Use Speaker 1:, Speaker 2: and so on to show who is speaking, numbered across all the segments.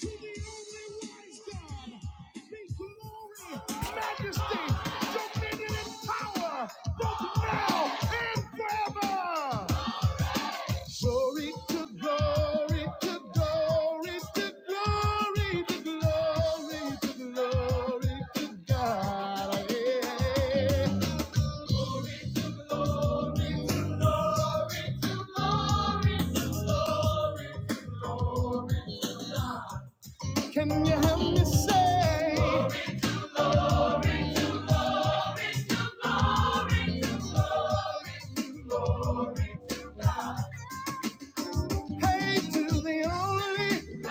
Speaker 1: to the only wise God, be glory, majesty, dominion, and power, both now and forever. Glory to glory to glory to glory to glory to glory to God. Yeah. Can you help me say, hey to the only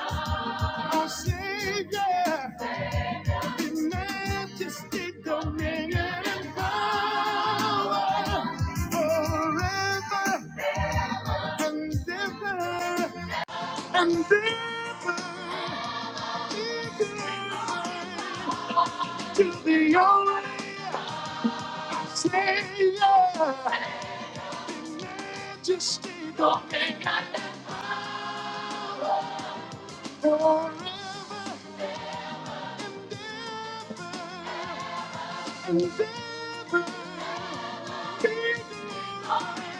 Speaker 1: our Savior? majesty, dominion, and power forever and ever and ever. Amen. To the only Savior, majesty, dominion, forever and ever. Amen.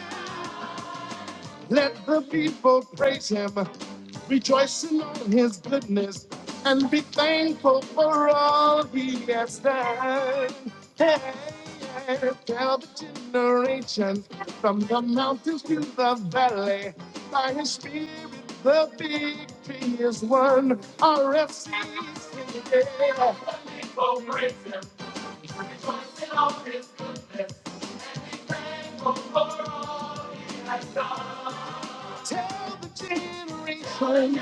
Speaker 1: Let the people praise him, rejoicing on his goodness, and be thankful for all he has done. Hey, hey, tell the generation from the mountains to the valley, by his spirit the victory is won. RFC is in the air. Oh, Tell the generation.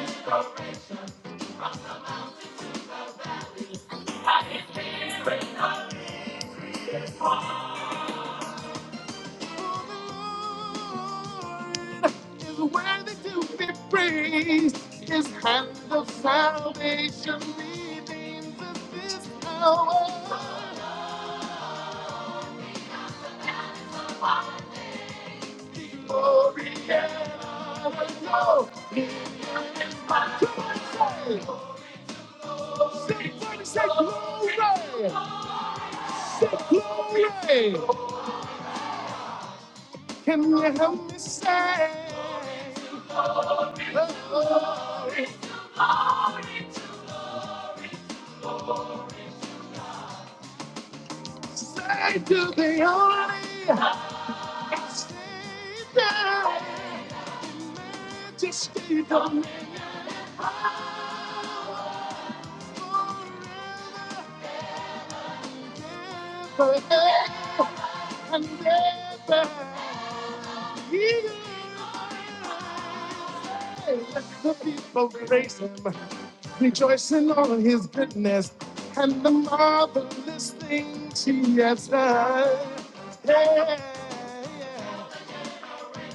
Speaker 1: is worthy to be praised. His hand of salvation remains at this hour. Glory and honor. No. say, say, say glory. Say glory. Can you help me say? Glory. Say to the only. Majesty, dominion, power, forever and ever. Yeah. The people praise him, rejoicing on his goodness and the marvelous things he has done. Yeah. yeah.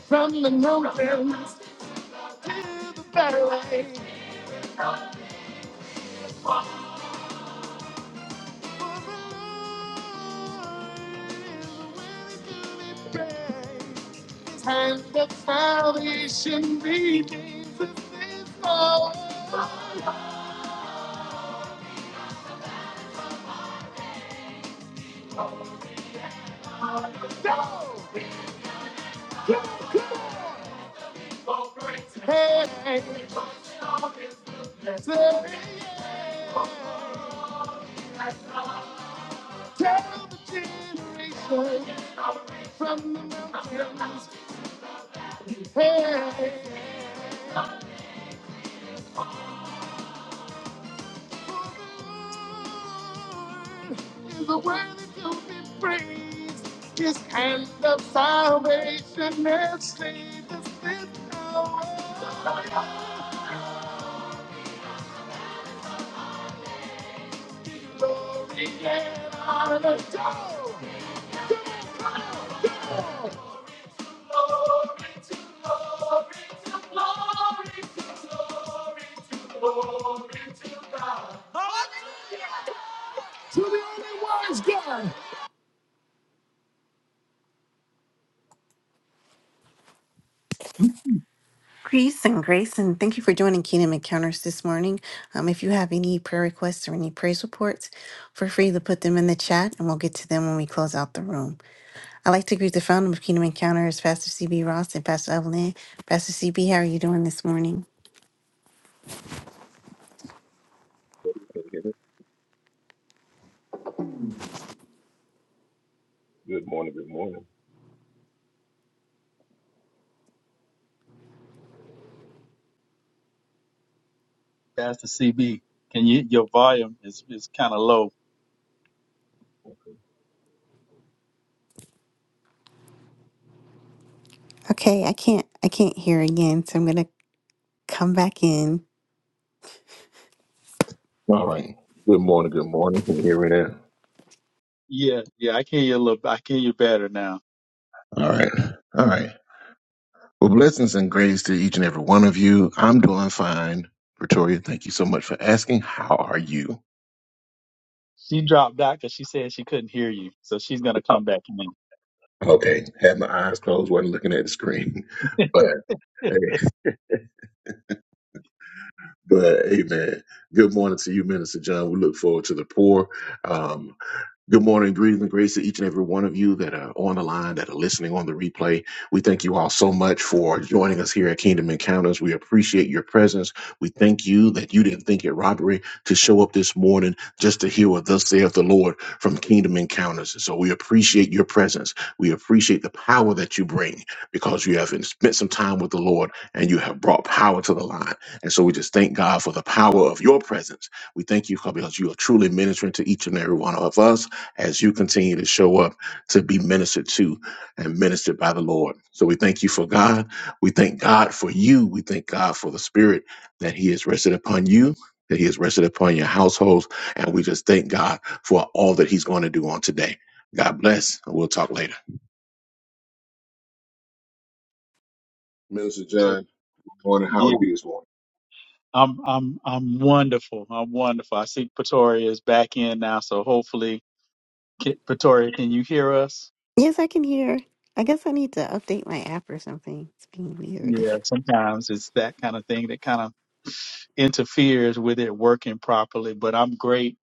Speaker 1: From the mountains And the salvation begins to fall. Hey, say, tell the generation from the mountains. Hey. hey. is worthy to be praised. His hand of salvation has saved us this hour. Glory and honor to Glory to glory to glory to glory to glory to
Speaker 2: That's
Speaker 1: Greece and Grace, and thank you for joining Kingdom Encounters this morning. Um, if you have any prayer requests or any praise reports, feel free to put them in the chat and we'll get to them when we close out the room. I'd like to greet the founder of Kingdom Encounters, Pastor CB Ross and Pastor Evelyn. Pastor CB, how are you doing this morning?
Speaker 3: Can you hear me? Good morning. Good morning.
Speaker 2: the CB. Can you? Your volume is is kind of low.
Speaker 1: Okay, I can't I can't hear again, so I'm gonna come back in.
Speaker 3: All right. Good morning. Good morning. Can you hear me
Speaker 2: Yeah, yeah. I can hear you a little. I can hear you better now.
Speaker 3: now? All right. All right. Well, blessings and grace to each and every one of you. I'm doing fine. Pretoria, thank you so much for asking. How are you?
Speaker 2: She dropped out because she said she couldn't hear you, so she's gonna come back in.
Speaker 3: Okay. Had my eyes closed, wasn't looking at the screen. But, but amen. Good morning to you, Minister John. We look forward to the poor. Good morning, greetings and grace to each and every one of you that are on the line, that are listening on the replay. We thank you all so much for joining us here at Kingdom Encounters. We appreciate your presence. We thank you that you didn't think it robbery to show up this morning just to hear what thus saith the Lord from Kingdom Encounters. And So we appreciate your presence. We appreciate the power that you bring because you have spent some time with the Lord and you have brought power to the line. And so we just thank God for the power of your presence. We thank you because you are truly ministering to each and every one of us as you continue to show up to be ministered to and ministered by the Lord. So we thank you for God. We thank God for you. We thank God for the spirit that He has rested upon you, that He has rested upon your households. And we just thank God for all that He's going to do on today. God bless. and We'll talk later. Minister
Speaker 2: Okay.
Speaker 3: John, good morning. How are
Speaker 2: Yeah,
Speaker 3: you this morning?
Speaker 2: I'm I'm I'm wonderful. I'm wonderful. I see Pretoria is back in now, so hopefully, K- Pretoria, can you hear us?
Speaker 1: Yes, I can hear. I guess I need to update my app or something. It's being weird.
Speaker 2: Yeah, sometimes it's that kind of thing that kind of interferes with it working properly. But I'm great.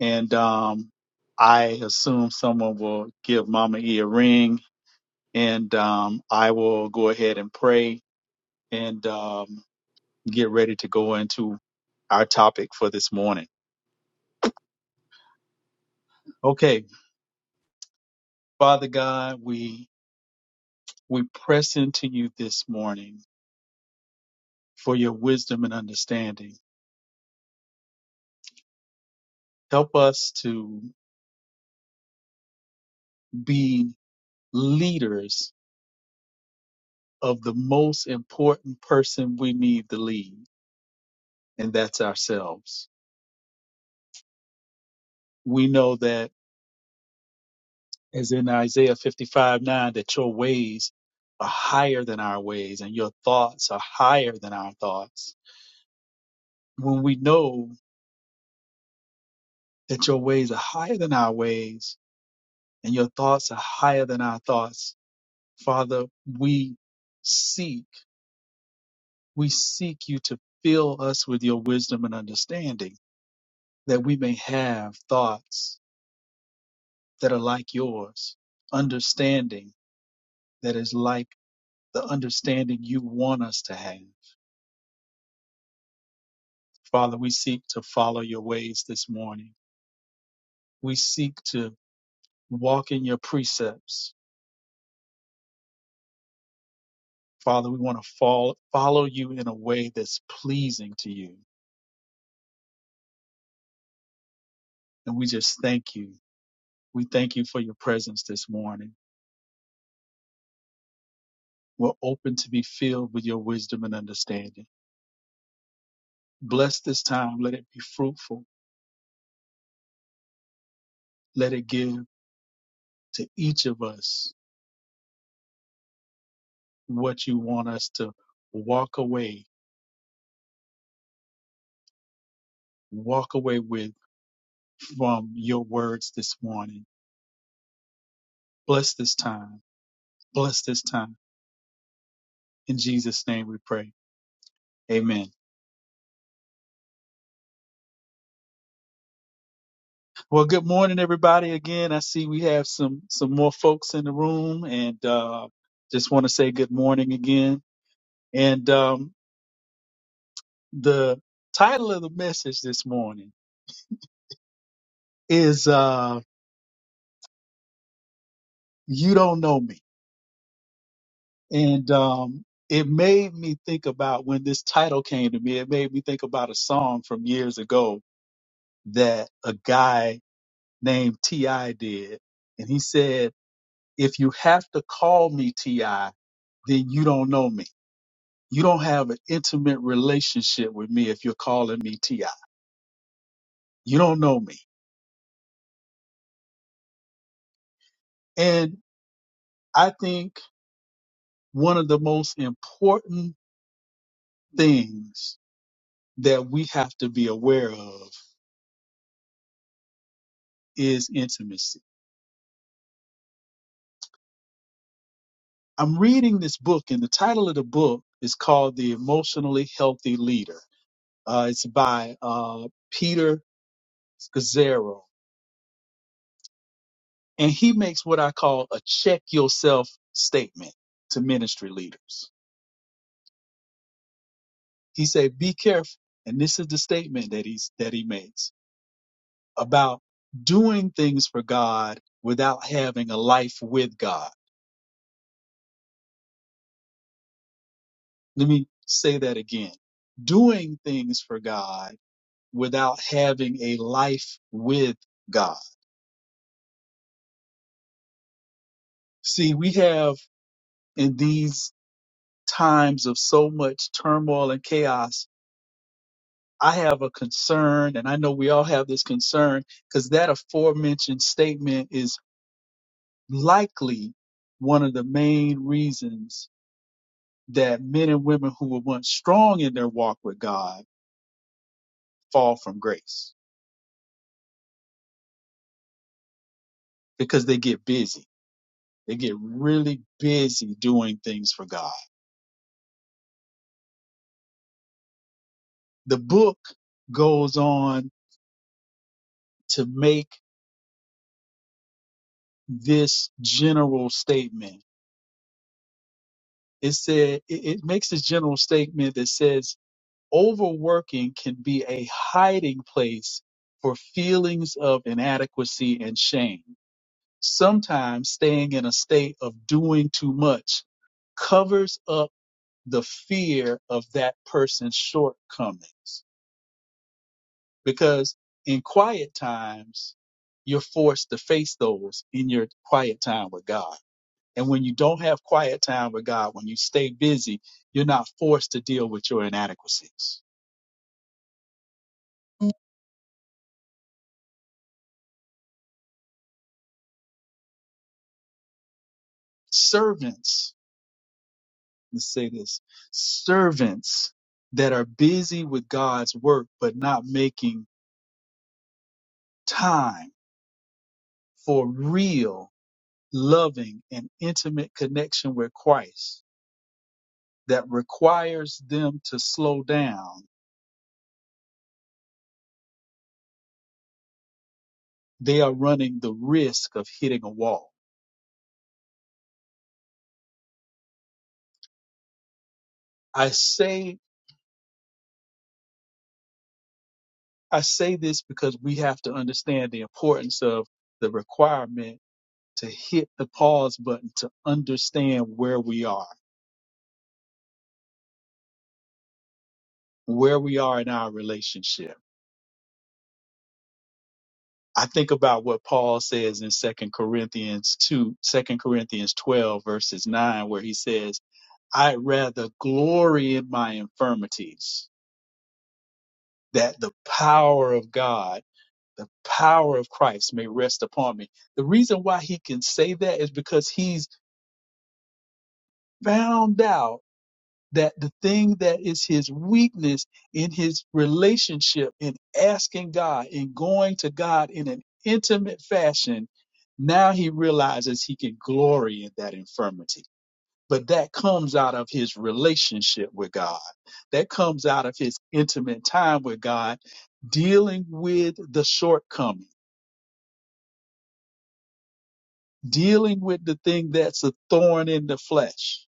Speaker 2: and um, I assume someone will give Mama E a ring, and um, I will go ahead and pray and um, get ready to go into our topic for this morning. Okay, Father God, we we press into you this morning for your wisdom and understanding. Help us to be leaders of the most important person we need to lead, and that's ourselves. We know that as in Isaiah 55 9, that your ways are higher than our ways and your thoughts are higher than our thoughts. When we know that your ways are higher than our ways and your thoughts are higher than our thoughts, Father, we seek, we seek you to fill us with your wisdom and understanding that we may have thoughts that are like yours, understanding that is like the understanding you want us to have Father, we seek to follow your ways this morning. We seek to walk in your precepts. Father, we want to fall, follow you in a way that's pleasing to you. And we just thank you. We thank you for your presence this morning. We're open to be filled with your wisdom and understanding. Bless this time. Let it be fruitful. Let it give to each of us what you want us to walk away, walk away with from your words this morning. Bless this time. Bless this time. In Jesus' name we pray. Amen. Well, good morning, everybody. Again, I see we have some some more folks in the room, and uh, just want to say good morning again. And um, the title of the message this morning is uh, "You Don't Know Me," and um, it made me think about when this title came to me. It made me think about a song from years ago that a guy named Ti did, and he said. If you have to call me TI, then you don't know me. You don't have an intimate relationship with me if you're calling me TI. You don't know me. And I think one of the most important things that we have to be aware of is intimacy. I'm reading this book, and the title of the book is called The Emotionally Healthy Leader. Uh, it's by uh, Peter Scazzaro And he makes what I call a check yourself statement to ministry leaders. He said, be careful. And this is the statement that he's, that he makes about doing things for God without having a life with God. Let me say that again. Doing things for God without having a life with God. See, we have in these times of so much turmoil and chaos I have a concern, and I know we all have this concern, because that aforementioned statement is likely one of the main reasons that men and women who were once strong in their walk with God fall from grace because they get busy. They get really busy doing things for God. The book goes on to make this general statement. It said, it, it makes this general statement that says overworking can be a hiding place for feelings of inadequacy and shame. Sometimes staying in a state of doing too much covers up the fear of that person's shortcomings because in quiet times, you're forced to face those in your quiet time with God. And when you don't have quiet time with God, when you stay busy, you're not forced to deal with your inadequacies. Servants let's say this servants that are busy with God's work but not making time for real loving and intimate connection with Christ that requires them to slow down they are running the risk of hitting a wall i say i say this because we have to understand the importance of the requirement to hit the pause button to understand where we are where we are in our relationship I think about what Paul says in Second Corinthians 2, Second Corinthians 12, verses 9, where he says, I'd rather glory in my infirmities that the power of God, the power of Christ may rest upon me. The reason why he can say that is because he's found out that the thing that is his weakness in his relationship in asking God in going to God in an intimate fashion now he realizes he can glory in that infirmity but that comes out of his relationship with God that comes out of his intimate time with God dealing with the shortcoming dealing with the thing that's a thorn in the flesh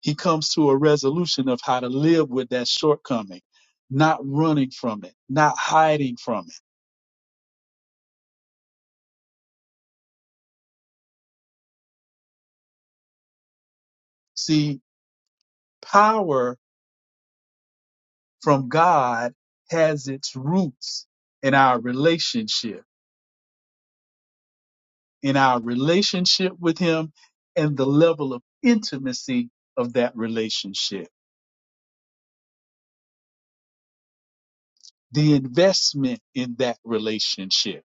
Speaker 2: He comes to a resolution of how to live with that shortcoming, not running from it, not hiding from it. See, power from God has its roots in our relationship, in our relationship with Him, and the level of intimacy of that relationship, the investment in that relationship,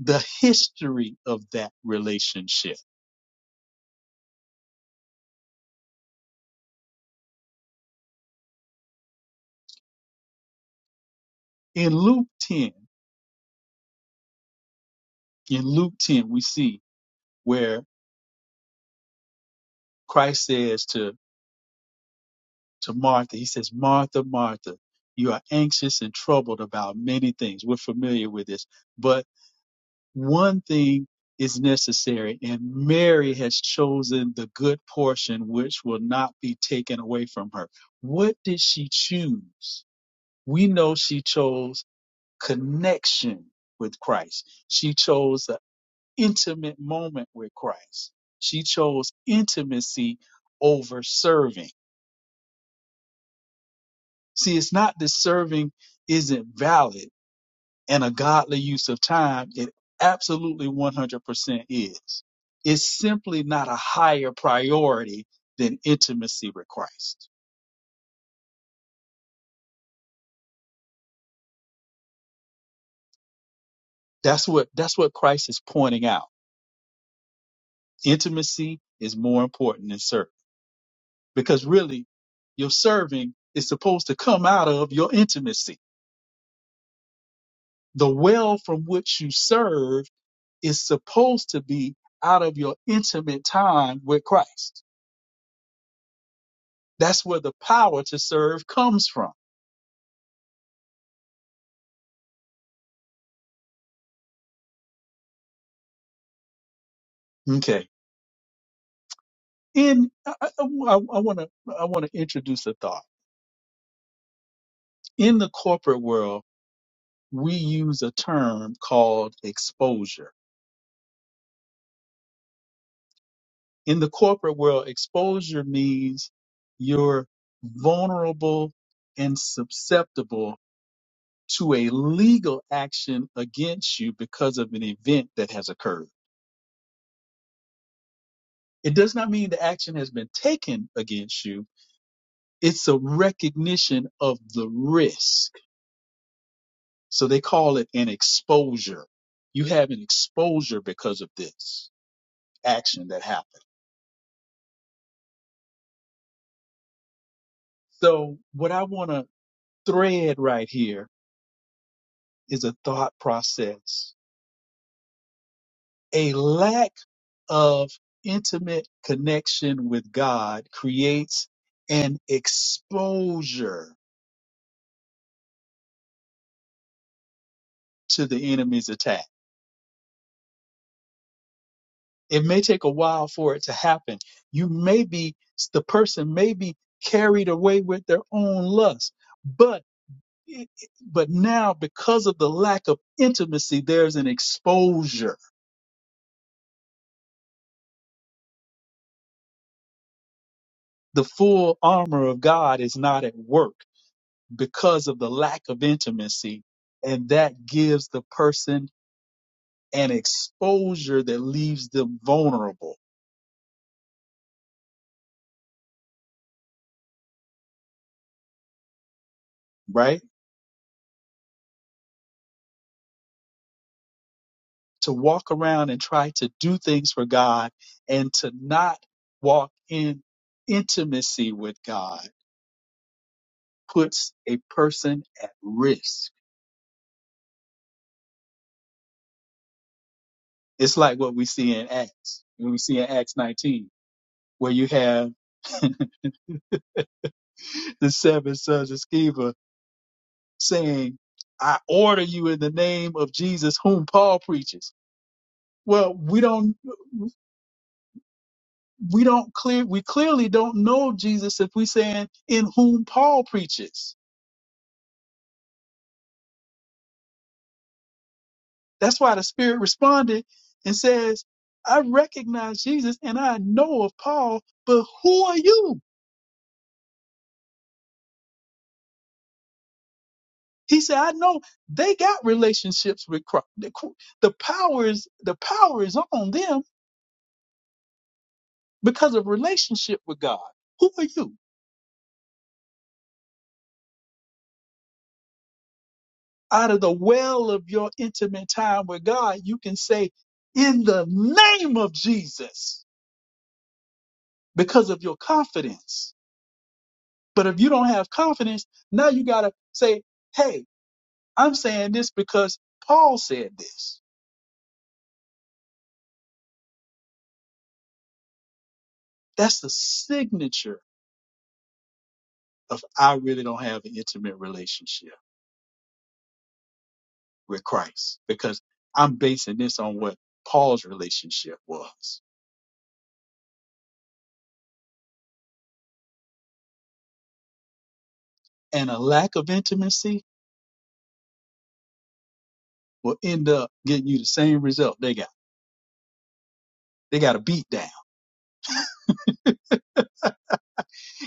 Speaker 2: the history of that relationship. In Luke 10, in Luke 10, we see where Christ says to, to Martha, he says, Martha, Martha, you are anxious and troubled about many things. We're familiar with this, but one thing is necessary and Mary has chosen the good portion, which will not be taken away from her. What did she choose? We know she chose connection with Christ. She chose an intimate moment with Christ. She chose intimacy over serving See, it's not that serving isn't valid and a godly use of time. It absolutely 100% is. It's simply not a higher priority than intimacy with Christ. That's what, that's what Christ is pointing out. Intimacy is more important than serving because really your serving is supposed to come out of your intimacy. The well from which you serve is supposed to be out of your intimate time with Christ That's where the power to serve comes from. Okay. and I want to I want to introduce a thought. In the corporate world, we use a term called exposure. In the corporate world, exposure means you're vulnerable and susceptible to a legal action against you because of an event that has occurred. It does not mean the action has been taken against you. It's a recognition of the risk So they call it an exposure. You have an exposure because of this action that happened. So what I want to thread right here is a thought process. A lack of intimate connection with God creates an exposure to the enemy's attack. It may take a while for it to happen. You may be, the person may be carried away with their own lust. But But now, because of the lack of intimacy, there's an exposure. The full armor of God is not at work because of the lack of intimacy. And that gives the person an exposure that leaves them vulnerable, right? To walk around and try to do things for God and to not walk in intimacy with God puts a person at risk It's like what we see in Acts. When we see in Acts 19, where you have the seven sons of Sceva saying, I order you in the name of Jesus whom Paul preaches. Well, we don't we don't clear we clearly don't know Jesus if we saying in whom Paul preaches. That's why the Spirit responded and says, I recognize Jesus and I know of Paul, but who are you? He said, I know they got relationships with Christ. The, cr- the power is the power is on them because of relationship with God. Who are you? Out of the well of your intimate time with God, you can say, in the name of Jesus, because of your confidence. But if you don't have confidence, now you gotta say, hey, I'm saying this because Paul said this. That's the signature of I really don't have an intimate relationship. with Christ because I'm basing this on what Paul's relationship was. And a lack of intimacy will end up getting you the same result they got. They got a beat down.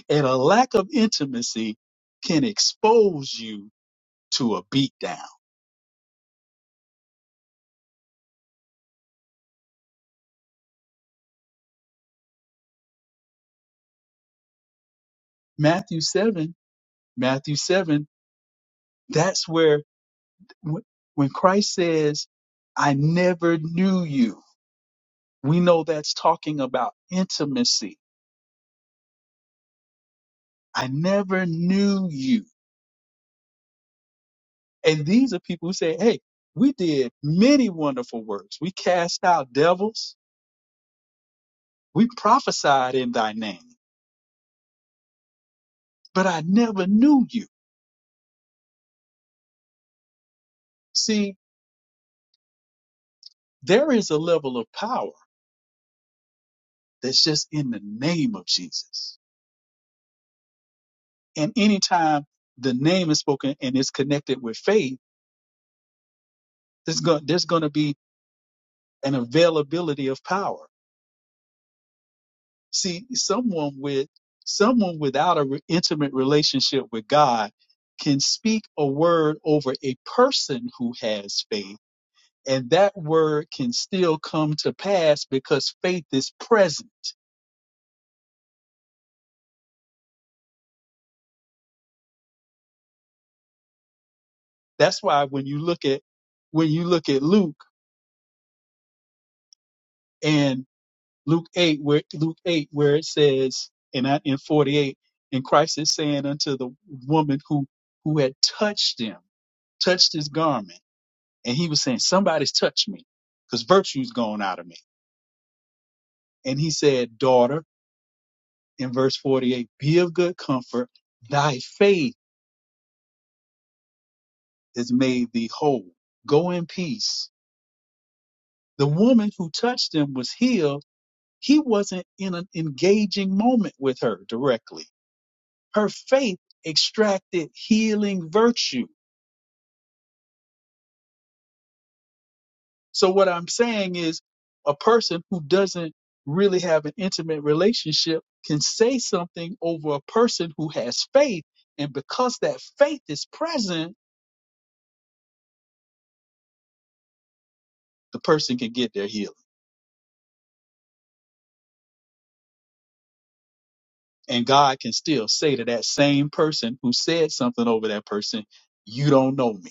Speaker 2: And a lack of intimacy can expose you to a beat down. Matthew 7, Matthew 7, that's where wh- when Christ says, I never knew you, we know that's talking about intimacy. I never knew you And these are people who say, hey, we did many wonderful works. We cast out devils. We prophesied in thy name, but I never knew you. See, there is a level of power that's just in the name of Jesus. And anytime the name is spoken and it's connected with faith, there's going, there's going to be an availability of power. See, someone with someone without an re- intimate relationship with God can speak a word over a person who has faith, and that word can still come to pass because faith is present. That's why when you look at when you look at Luke and Luke eight, where Luke eight, where it says, and I, in forty eight, and Christ is saying unto the woman who who had touched him, touched his garment. and he was saying, Somebody's touched me because virtue's gone out of me. And he said, Daughter, in verse 48, be of good comfort. Thy faith has made thee whole. Go in peace. The woman who touched him was healed. He wasn't in an engaging moment with her directly. Her faith extracted healing virtue So what I'm saying is a person who doesn't really have an intimate relationship can say something over a person who has faith. And because that faith is present, the person can get their healing. And God can still say to that same person who said something over that person, you don't know me.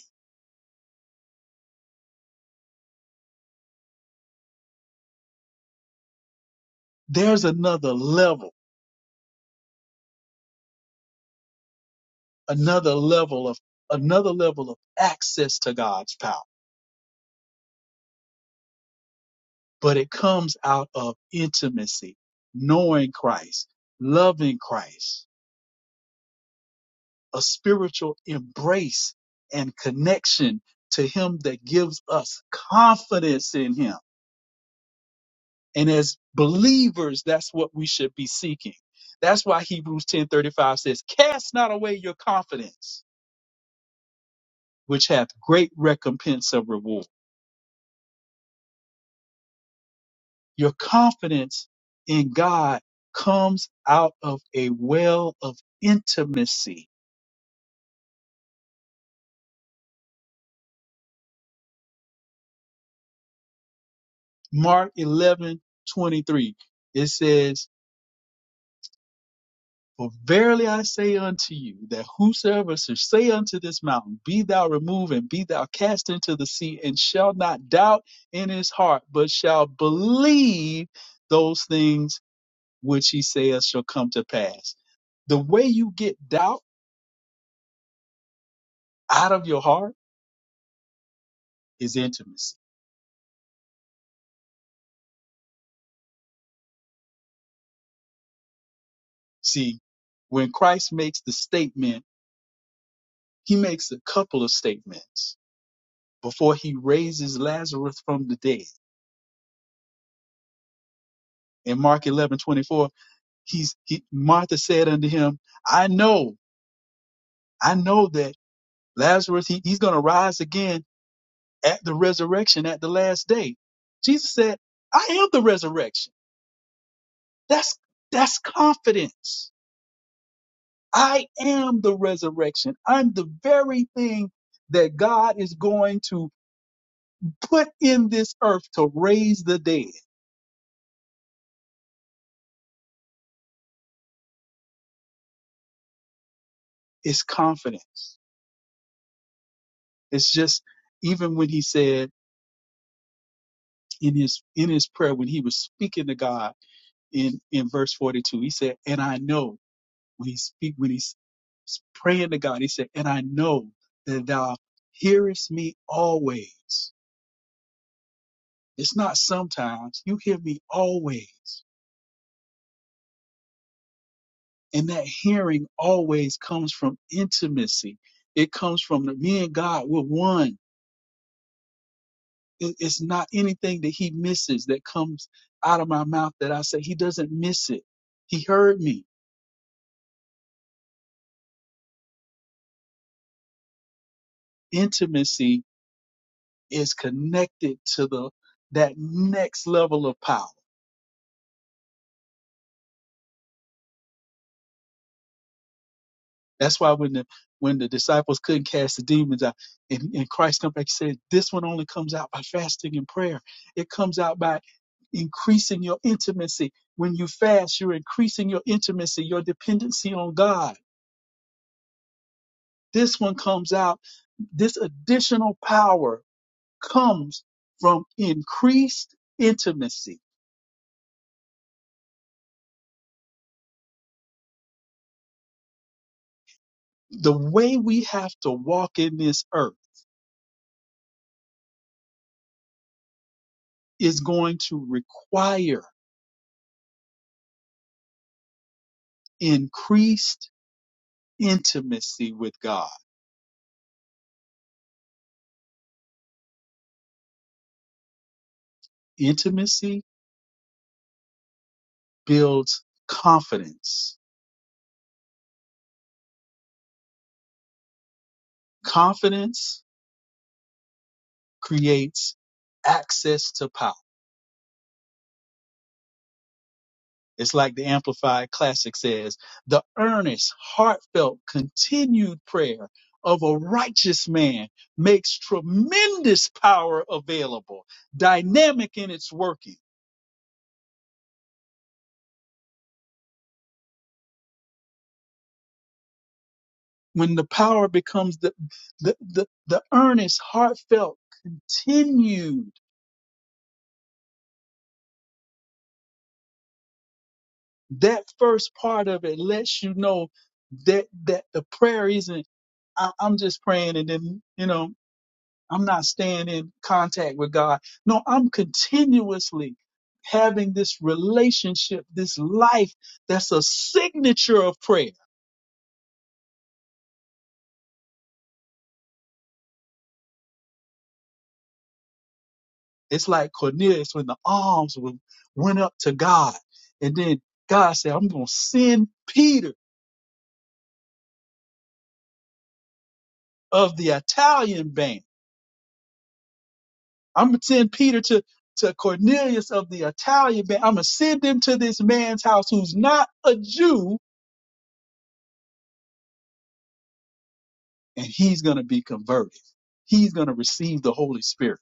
Speaker 2: There's another level, another level of, another level of access to God's power. but it comes out of intimacy, knowing Christ, loving Christ, a spiritual embrace and connection to Him that gives us confidence in Him. And as believers, that's what we should be seeking. That's why Hebrews 10:35 says, "Cast not away your confidence, which hath great recompense of reward." Your confidence in God comes out of a well of intimacy Mark 11 23. It says, For verily I say unto you, that whosoever shall say unto this mountain, Be thou removed and be thou cast into the sea, and shall not doubt in his heart, but shall believe those things which he saith shall come to pass. The way you get doubt out of your heart is intimacy. See, when Christ makes the statement, he makes a couple of statements before he raises Lazarus from the dead in Mark 11 24, he's, he, Martha said unto him, I know, I know that Lazarus, he, he's going to rise again at the resurrection at the last day. Jesus said, I am the resurrection. That's, that's confidence. I am the resurrection. I'm the very thing that God is going to put in this earth to raise the dead. It's confidence. It's just, even when he said in his, in his prayer, when he was speaking to God, in in verse 42 he said and i know when he speak when he's praying to god he said and i know that thou hearest me always it's not sometimes you hear me always and that hearing always comes from intimacy it comes from the, me and god we're one It- it's not anything that he misses that comes out of my mouth that i say he doesn't miss it he heard me intimacy is connected to the that next level of power. That's why when the when the disciples couldn't cast the demons out, and, and Christ come back and said, "This one only comes out by fasting and prayer. It comes out by increasing your intimacy. When you fast, you're increasing your intimacy, your dependency on God. This one comes out. This additional power comes from increased intimacy. The way we have to walk in this earth." is going to require increased intimacy with God. Intimacy builds confidence. Confidence creates access to power. It's like the Amplified Classic says, the earnest, heartfelt, continued prayer of a righteous man makes tremendous power available, dynamic in its working when the power becomes the the the, the earnest heartfelt continued that first part of it lets you know that that the prayer isn't I, i'm just praying and then you know i'm not staying in contact with god no i'm continuously having this relationship this life that's a signature of prayer it's like cornelius when the arms went up to god and then god said i'm going to send peter of the Italian band. I'm gonna send Peter to to Cornelius of the Italian band. I'm gonna send him to this man's house who's not a Jew, and he's gonna be converted. He's gonna receive the Holy Spirit.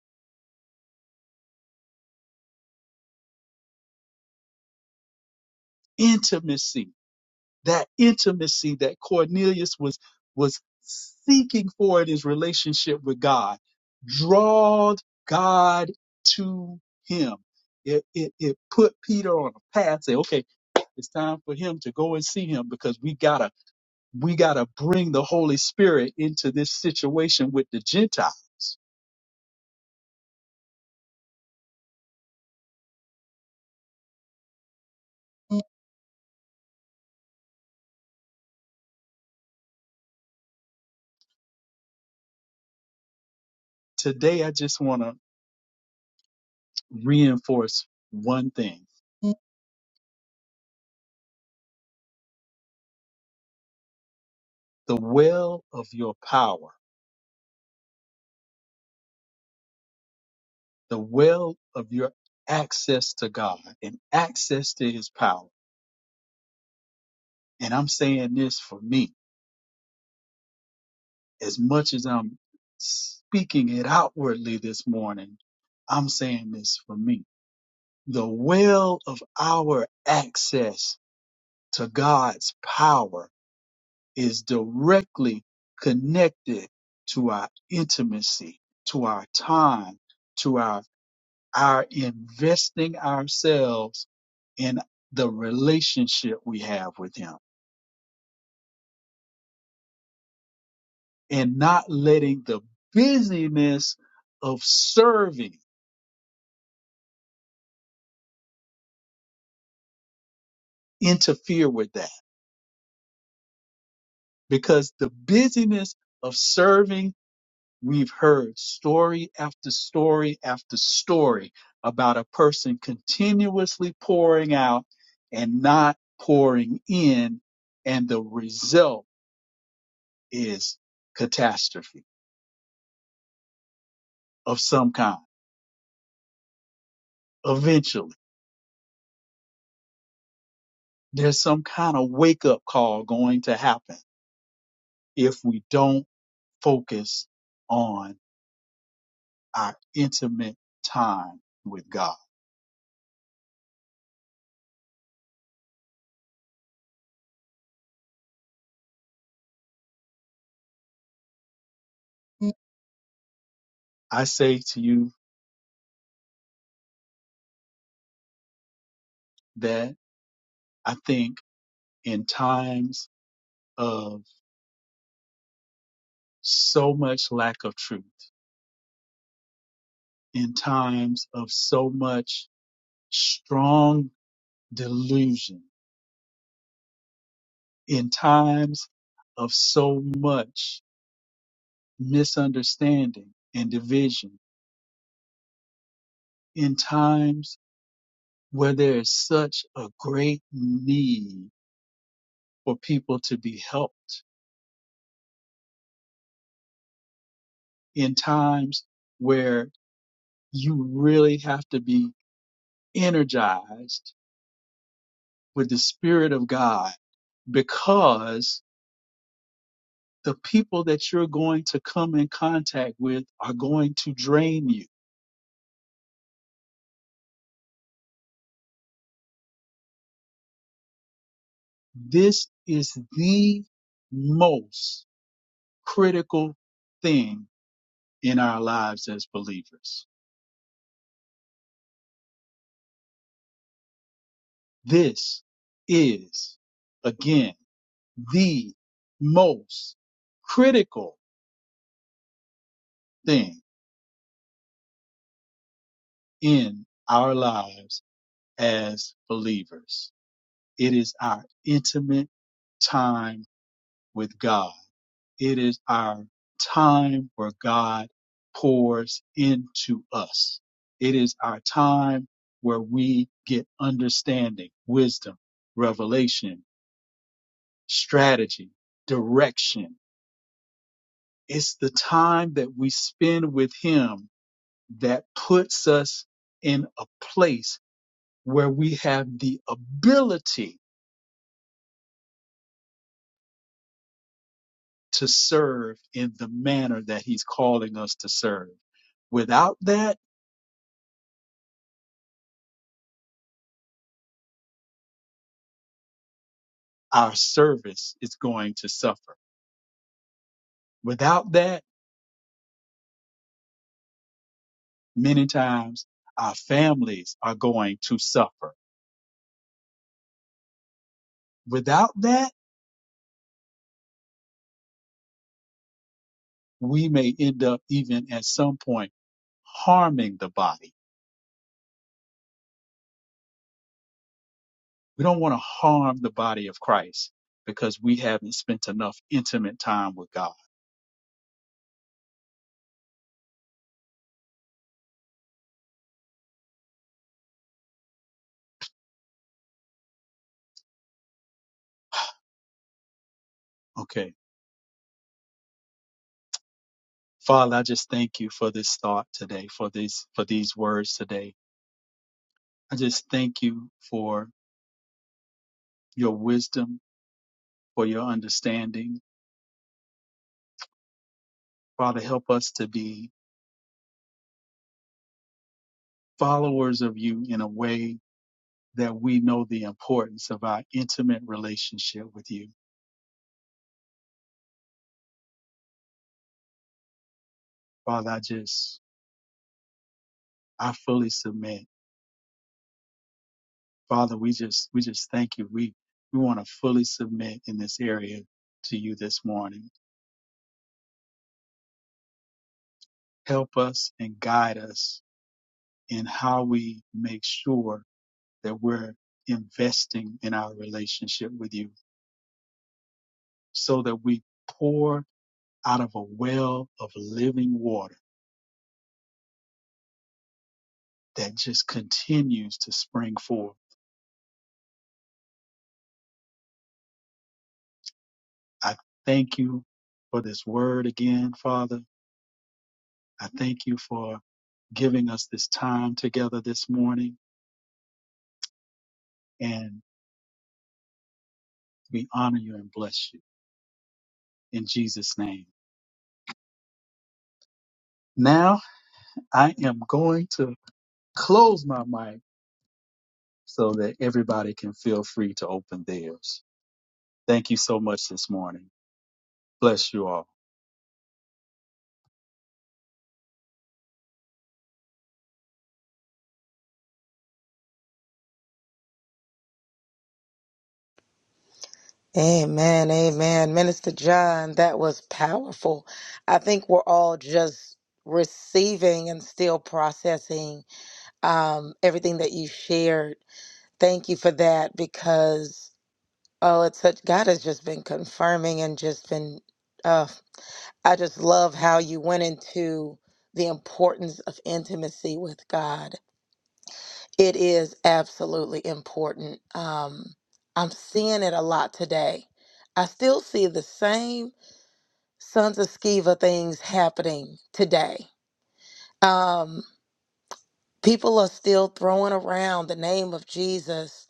Speaker 2: Intimacy, that intimacy that Cornelius was was seeking for in his relationship with God, drawed God to him. It, it, it put Peter on a path. Say, okay, it's time for him to go and see him because we gotta we got to bring the Holy Spirit into this situation with the Gentiles. Today, I just want to reinforce one thing the well of your power, the well of your access to God and access to his power. And I'm saying this for me, as much as I'm speaking it outwardly this morning, I'm saying this for me. The well of our access to God's power is directly connected to our intimacy, to our time, to our our investing ourselves in the relationship we have with him and not letting the busyness of serving interfere with that because the busyness of serving We've heard story after story after story about a person continuously pouring out and not pouring in, and the result is catastrophe of some kind. Eventually, there's some kind of wake up call going to happen if we don't focus on our intimate time with God. I say to you that I think in times of so much lack of truth, in times of so much strong delusion, in times of so much misunderstanding and division, in times where there is such a great need for people to be helped, in times where you really have to be energized with the Spirit of God because the people that you're going to come in contact with are going to drain you. This is the most critical thing in our lives as believers. This is, again, the most critical thing in our lives as believers. It is our intimate time with God It is our time where God pours into us. It is our time where we get understanding, wisdom, revelation, strategy, direction. It's the time that we spend with Him that puts us in a place where we have the ability to serve in the manner that He's calling us to serve. Without that, our service is going to suffer. Without that, many times our families are going to suffer. Without that, we may end up even at some point harming the body. We don't want to harm the body of Christ because we haven't spent enough intimate time with God. Okay. Father, I just thank you for this thought today, for these, for these words today. I just thank you for your wisdom, for your understanding. Father, help us to be followers of you in a way that we know the importance of our intimate relationship with you. Father, I just, I fully submit. Father, we just, we just thank you. We, we want to fully submit in this area to you this morning. Help us and guide us in how we make sure that we're investing in our relationship with you so that we pour out of a well of living water that just continues to spring forth I thank you for this word again, Father. I thank you for giving us this time together this morning, and we honor you and bless you in Jesus' name. Now I am going to close my mic so that everybody can feel free to open theirs. Thank you so much this morning. Bless you all.
Speaker 4: Amen, amen. Minister John, that was powerful. I think we're all just receiving and still processing um, everything that you shared. Thank you for that because, oh, it's such, God has just been confirming and just been, uh, I just love how you went into the importance of intimacy with God. It is absolutely important. Um, I'm seeing it a lot today. I still see the same Sons of Skeva things happening today. Um, people are still throwing around the name of Jesus,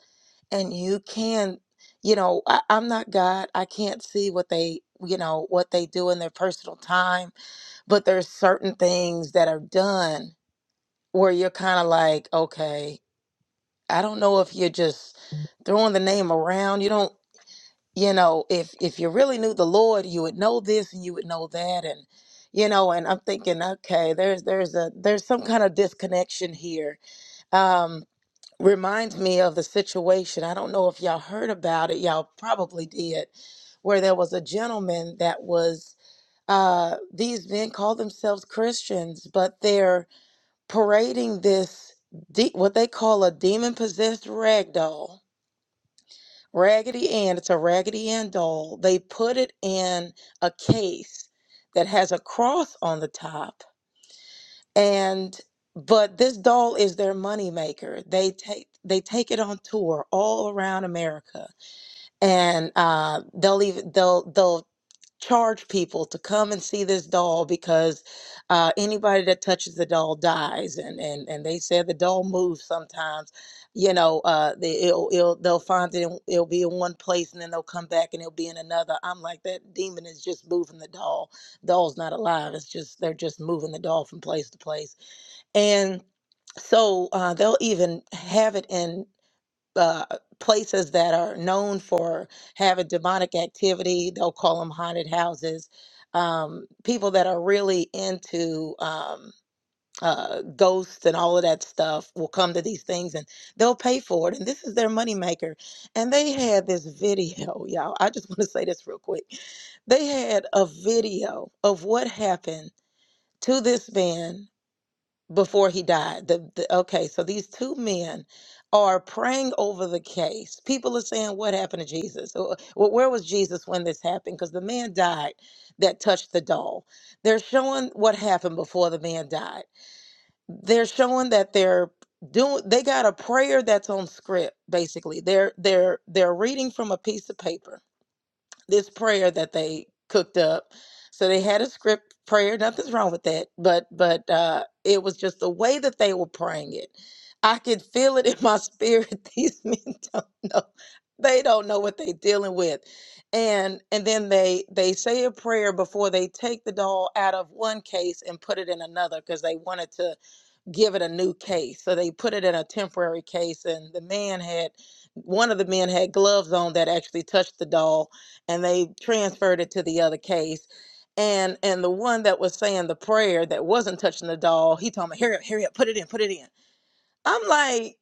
Speaker 4: and you can, you know, I, I'm not God. I can't see what they, you know, what they do in their personal time, but there's certain things that are done where you're kind of like, okay, I don't know if you're just throwing the name around. You don't. you know if if you really knew the lord you would know this and you would know that and you know and i'm thinking okay there's there's a there's some kind of disconnection here um reminds me of the situation i don't know if y'all heard about it y'all probably did where there was a gentleman that was uh these men call themselves christians but they're parading this de- what they call a demon possessed rag doll Raggedy Ann, it's a Raggedy Ann doll. They put it in a case that has a cross on the top. And but this doll is their moneymaker. They take they take it on tour all around America. And uh, they'll even they'll they'll charge people to come and see this doll because uh, anybody that touches the doll dies and and and they said the doll moves sometimes you know uh they it'll, it'll they'll find it in, it'll be in one place and then they'll come back and it'll be in another i'm like that demon is just moving the doll doll's not alive it's just they're just moving the doll from place to place and so uh, they'll even have it in uh, places that are known for having demonic activity. They'll call them haunted houses. Um, people that are really into um, uh, ghosts and all of that stuff will come to these things and they'll pay for it. And this is their moneymaker. And they had this video, y'all. I just want to say this real quick. They had a video of what happened to this man before he died. The, the okay, so these two men are praying over the case. People are saying, "What happened to Jesus? Wh- wh- Where was Jesus when this happened?" Because the man died that touched the doll. They're showing what happened before the man died. They're showing that they're doing. They got a prayer that's on script. Basically, they're they're they're reading from a piece of paper this prayer that they cooked up. So they had a script prayer. Nothing's wrong with that, but but uh, it was just the way that they were praying it. I could feel it in my spirit. These men don't know. They don't know what they're dealing with, and and then they they say a prayer before they take the doll out of one case and put it in another because they wanted to give it a new case. So they put it in a temporary case, and the man had one of the men had gloves on that actually touched the doll, and they transferred it to the other case. And and the one that was saying the prayer that wasn't touching the doll, he told me, "Hurry up, hurry up, put it in, put it in." I'm like,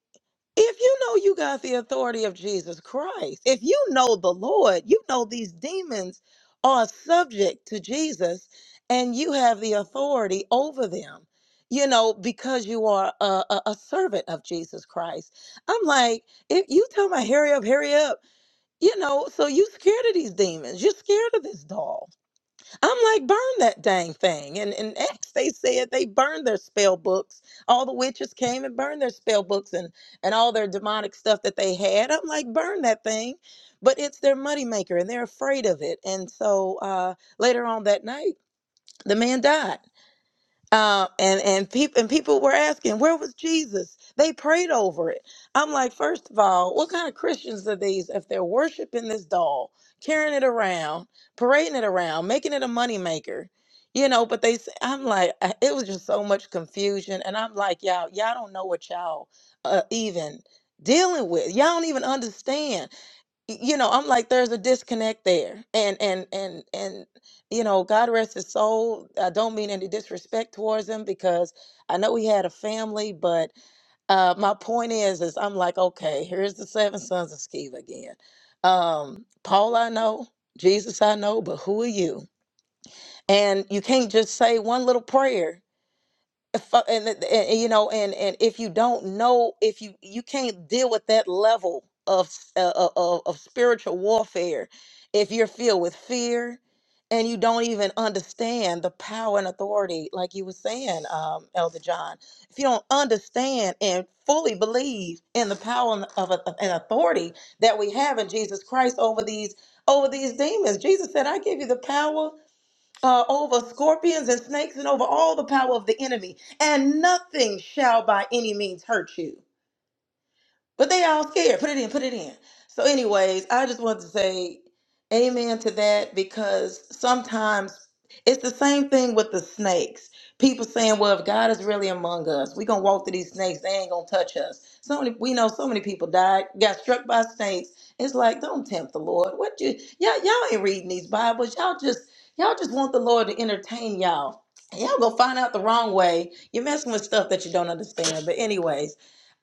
Speaker 4: if you know you got the authority of Jesus Christ, if you know the Lord, you know these demons are subject to Jesus and you have the authority over them, you know, because you are a, a, a servant of Jesus Christ. I'm like, if you tell my hurry up, hurry up, you know, so you scared of these demons, you're scared of this dog. I'm like, burn that dang thing. And in Acts, they said they burned their spell books. All the witches came and burned their spell books and, and all their demonic stuff that they had. I'm like, burn that thing. But it's their moneymaker and they're afraid of it. And so uh, later on that night, the man died um, and and people and people were asking where was Jesus. They prayed over it. I'm like, first of all, what kind of Christians are these if they're worshiping this doll, carrying it around, parading it around, making it a moneymaker, you know? But they, s- I'm like, I- it was just so much confusion, and I'm like, y'all, y'all don't know what y'all uh, even dealing with. Y'all don't even understand y- you know i'm like there's a disconnect there and and and and you know god rest his soul i don't mean any disrespect towards him because i know he had a family but uh my point is is i'm like okay here's the seven sons of sceva again um paul i know jesus i know but who are you and you can't just say one little prayer if- uh, and, and, and, you know and and if you don't know if you you can't deal with that level of s- uh, uh, of, of spiritual warfare if you're filled with fear and you don't even understand the power and authority like you were saying um, elder john if you don't understand and fully believe in the power and of, of- and authority that we have in jesus christ over these over these demons jesus said i give you the power uh, over scorpions and snakes and over all the power of the enemy, and nothing shall by any means hurt you. But they all scared. Put it in, put it in. So, anyways, I just wanted to say amen to that because sometimes it's the same thing with the snakes. People saying, well, if God is really among us, we're going to walk through these snakes. They ain't going to touch us. So many, we know so many people died, got struck by snakes. It's like, don't tempt the Lord. What you, y'all, y'all ain't reading these Bibles. Y'all just, y'all just want the Lord to entertain y'all. Y'all go find out the wrong way. You're messing with stuff that you don't understand. But anyways,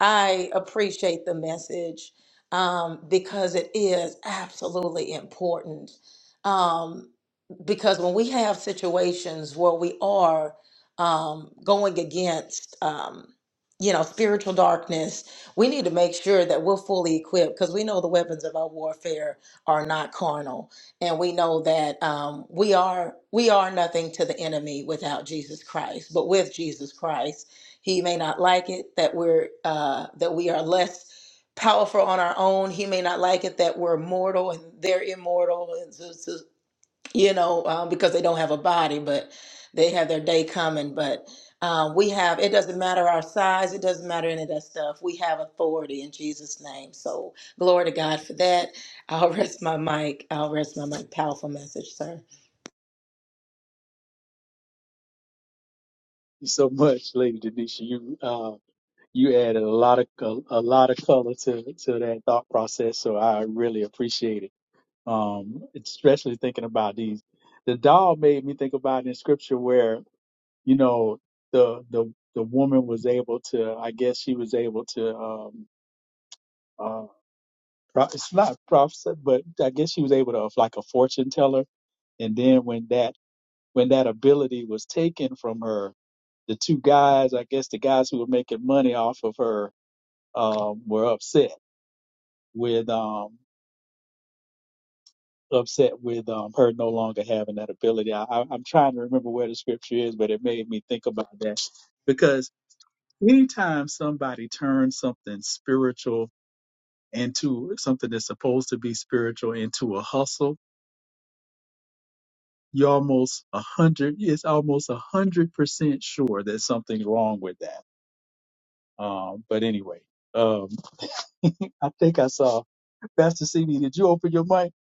Speaker 4: I appreciate the message um, because it is absolutely important. Um, because when we have situations where we are um, going against um, you know spiritual darkness we need to make sure that we're fully equipped because we know the weapons of our warfare are not carnal and we know that um, we are we are nothing to the enemy without jesus christ but with jesus christ he may not like it that we're uh, that we are less powerful on our own he may not like it that we're mortal and they're immortal and so, so you know, um, because they don't have a body, but they have their day coming. But um, we have, it doesn't matter our size, it doesn't matter any of that stuff. We have authority in Jesus' name. So glory to God for that. I'll rest my mic. I'll rest my mic. Powerful message, sir.
Speaker 2: Thank you so much, Lady Denisha. You uh, you added a lot of a, a lot of color to to that thought process, so I really appreciate it. um, especially thinking about these. The doll made me think about in scripture where you know the the the woman was able to, I guess she was able to, um, uh, pro- it's not prophecy, but I guess she was able to like a fortune teller. And then when that when that ability was taken from her, the two guys, I guess the guys who were making money off of her, um, were upset with um upset with um, her no longer having that ability. I, I, I'm trying to remember where the scripture is, but it made me think about that because anytime somebody turns something spiritual into something that's supposed to be spiritual into a hustle, you're almost a hundred. It's almost a hundred percent sure that something's wrong with that. Um, but anyway, um, I think I saw Pastor CB. Did you open your mic?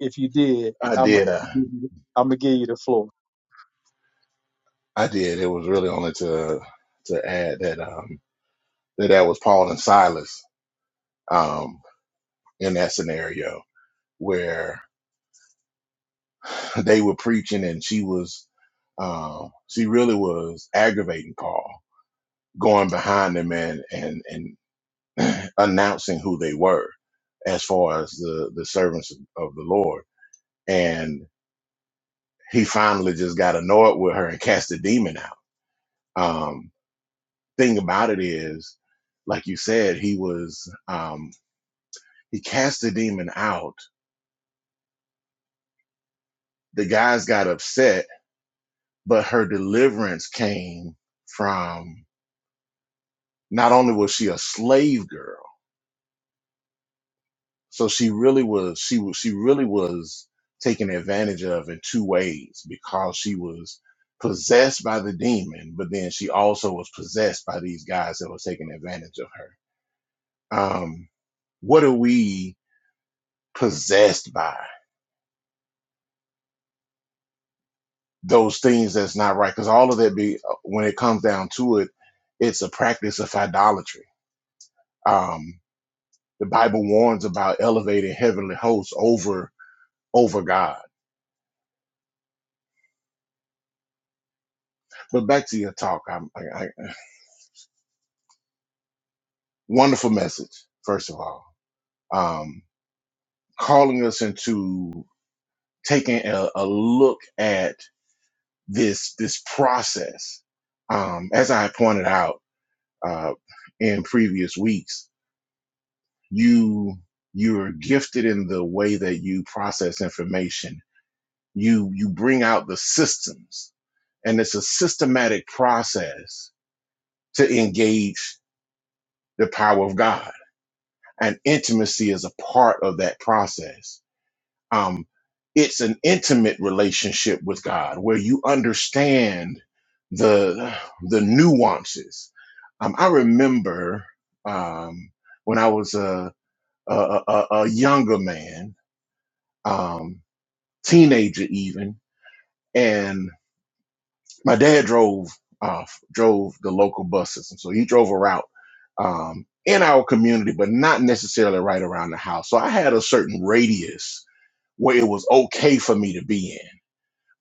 Speaker 2: If you did,
Speaker 3: I
Speaker 2: I'm gonna
Speaker 3: did. Uh,
Speaker 2: give you I'm gonna give you the floor.
Speaker 3: I did. It was really only to to add that um, that that was Paul and Silas um, in that scenario where. They were preaching, and she was, um, she really was aggravating Paul, going behind them and and and announcing who they were, as far as the the servants of the Lord. And he finally just got annoyed with her and cast the demon out. Um, thing about it is, like you said, he was um, he cast the demon out. The guys got upset, but her deliverance came from Not only was she a slave girl, so she really was she was she really was taken advantage of in two ways because she was possessed by the demon, but then she also was possessed by these guys that were taking advantage of her. Um, what are we possessed by? Those things that's not right, because all of that be uh, when it comes down to it, it's a practice of idolatry. Um, the Bible warns about elevating heavenly hosts over over God. But back to your talk. I'm, I, I, wonderful message, first of all. Um, calling us into taking a, a look at this this process. Um, as I pointed out uh, in previous weeks, you you're gifted in the way that you process information. You you bring out the systems, and it's a systematic process to engage the power of God and intimacy is a part of that process. Um, it's an intimate relationship with God where you understand the the nuances. Um, I remember um, when I was a, a, a, a younger man, um, teenager even, my dad drove uh, drove the local bus system, so he drove a route um, in our community, but not necessarily right around the house. So I had a certain radius where it was okay for me to be in.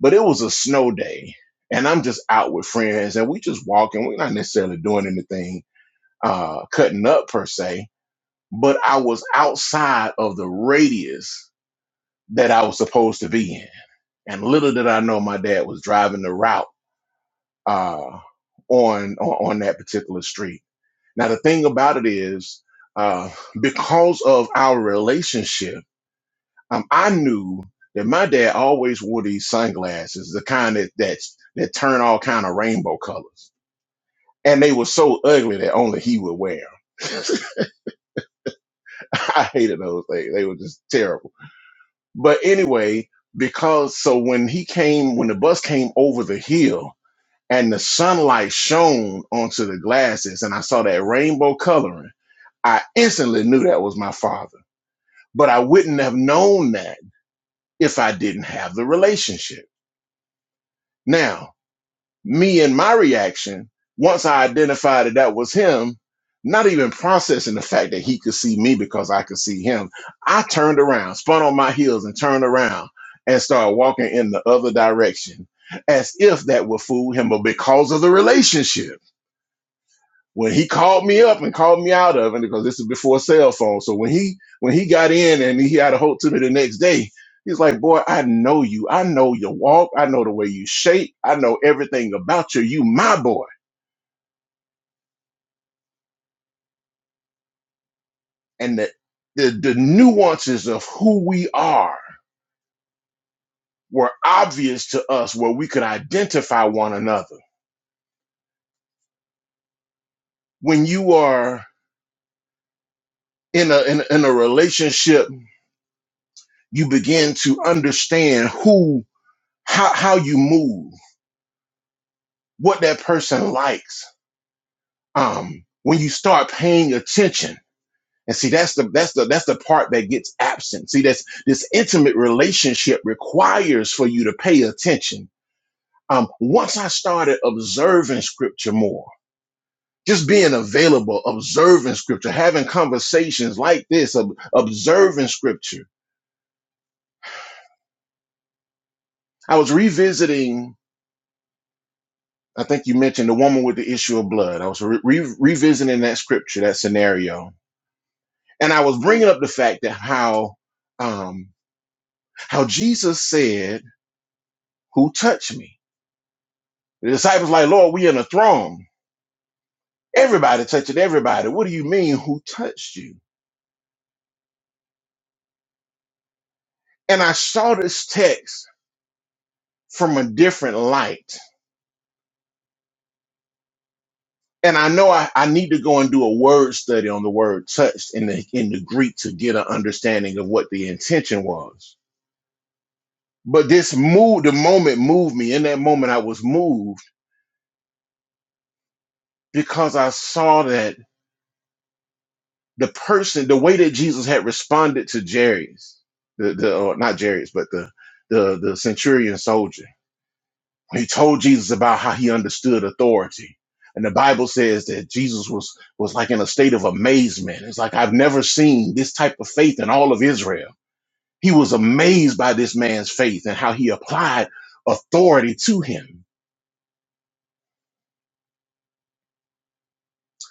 Speaker 3: But it was a snow day, and I'm just out with friends, and we just walking. We're not necessarily doing anything uh, cutting up per se, but I was outside of the radius that I was supposed to be in. And little did I know, my dad was driving the route uh, on, on on that particular street. Now the thing about it is, uh, because of our relationship, um, I knew that my dad always wore these sunglasses, the kind that that's, that turn all kind of rainbow colors, and they were so ugly that only he would wear. 'em. I hated those things; they were just terrible. But anyway, because so when he came, when the bus came over the hill. And the sunlight shone onto the glasses, and I saw that rainbow coloring. I instantly knew that was my father. But I wouldn't have known that if I didn't have the relationship. Now, me and my reaction, once I identified that that was him, not even processing the fact that he could see me because I could see him, I turned around, spun on my heels, and turned around and started walking in the other direction as if that would fool him, but because of the relationship. when he called me up and called me out of it because this is before cell phone. So when he when he got in and he had a hold to me the next day, he's like, "Boy, I know you. I know your walk. I know the way you shape. I know everything about you. You my boy." And the the, the nuances of who we are were obvious to us, where we could identify one another. When you are in a in, in a relationship, you begin to understand who how how you move, what that person likes um, when you start paying attention. And see, that's the that's the that's the part that gets absent. See, that's this intimate relationship requires for you to pay attention. Um, once I started observing scripture more, just being available, observing scripture, having conversations like this, ob- observing scripture. I was revisiting, I think you mentioned the woman with the issue of blood. I was re- re- revisiting that scripture, that scenario. And I was bringing up the fact that how, um, How Jesus said, Who touched me? The disciples like, Lord, we in a throng. Everybody touching everybody. What do you mean, who touched you? And I saw this text from a different light. And I know I, I need to go and do a word study on the word touched in the in the Greek to get an understanding of what the intention was. But this move, the moment moved me. In that moment, I was moved because I saw that the person, the way that Jesus had responded to Jairus, the, the or not Jairus, but the, the the centurion soldier, he told Jesus about how he understood authority. And the Bible says that Jesus was was like in a state of amazement. It's like I've never seen this type of faith in all of Israel. He was amazed by this man's faith and how he applied authority to him.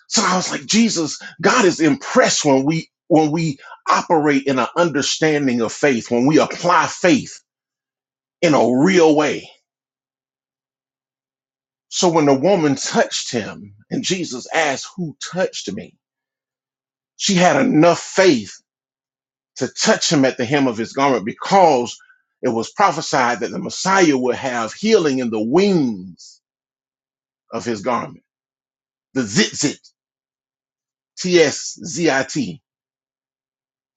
Speaker 3: So I was like, Jesus, God is impressed when we when we operate in an understanding of faith, when we apply faith in a real way. So when the woman touched him and Jesus asked, Who touched me? She had enough faith to touch him at the hem of his garment because it was prophesied that the Messiah would have healing in the wings of his garment. The zitzit, T S Z I T,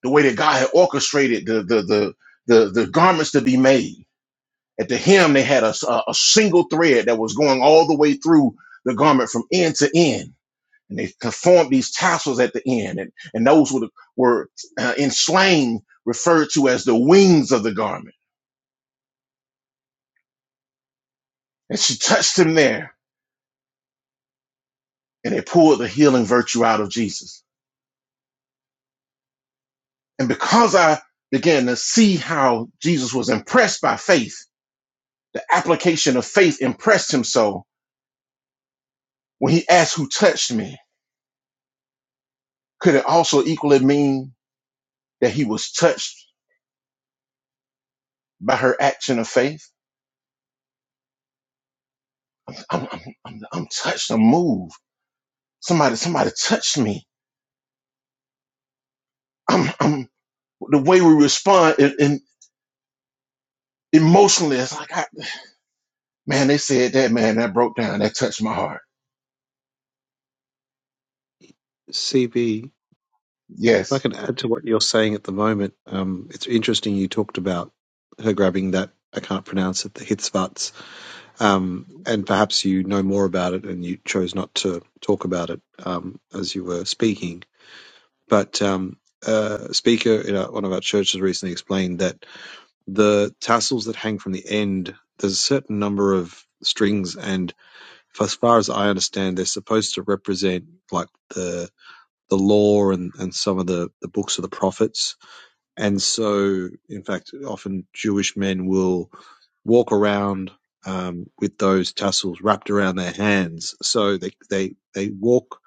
Speaker 3: the way that God had orchestrated the, the, the, the, the garments to be made. At the hem, they had a, a a single thread that was going all the way through the garment from end to end and they performed these tassels at the end, and, and those were, were uh, in slang referred to as the wings of the garment. And she touched him there, and it pulled the healing virtue out of Jesus. And because I began to see how Jesus was impressed by faith, the application of faith impressed him so when he asked who touched me, could it also equally mean that he was touched by her action of faith? I'm, I'm, I'm, I'm touched, I'm moved. Somebody, somebody touched me. I'm. I'm, the way we respond in, in emotionally, it's like, I, man, they said that, man, that broke down, that touched my heart.
Speaker 5: CB, if I
Speaker 3: Yes.
Speaker 5: can add to what you're saying at the moment, um, it's interesting you talked about her grabbing that, I can't pronounce it, the Hitzvats, um, and perhaps you know more about it and you chose not to talk about it um, as you were speaking. But um, a speaker in our- one of our churches recently explained that the tassels that hang from the end, there's a certain number of strings, and f- as far as I understand, they're supposed to represent like the the law and, and some of the, the books of the prophets. And so, in fact, often Jewish men will walk around um, with those tassels wrapped around their hands. So they, they, they walk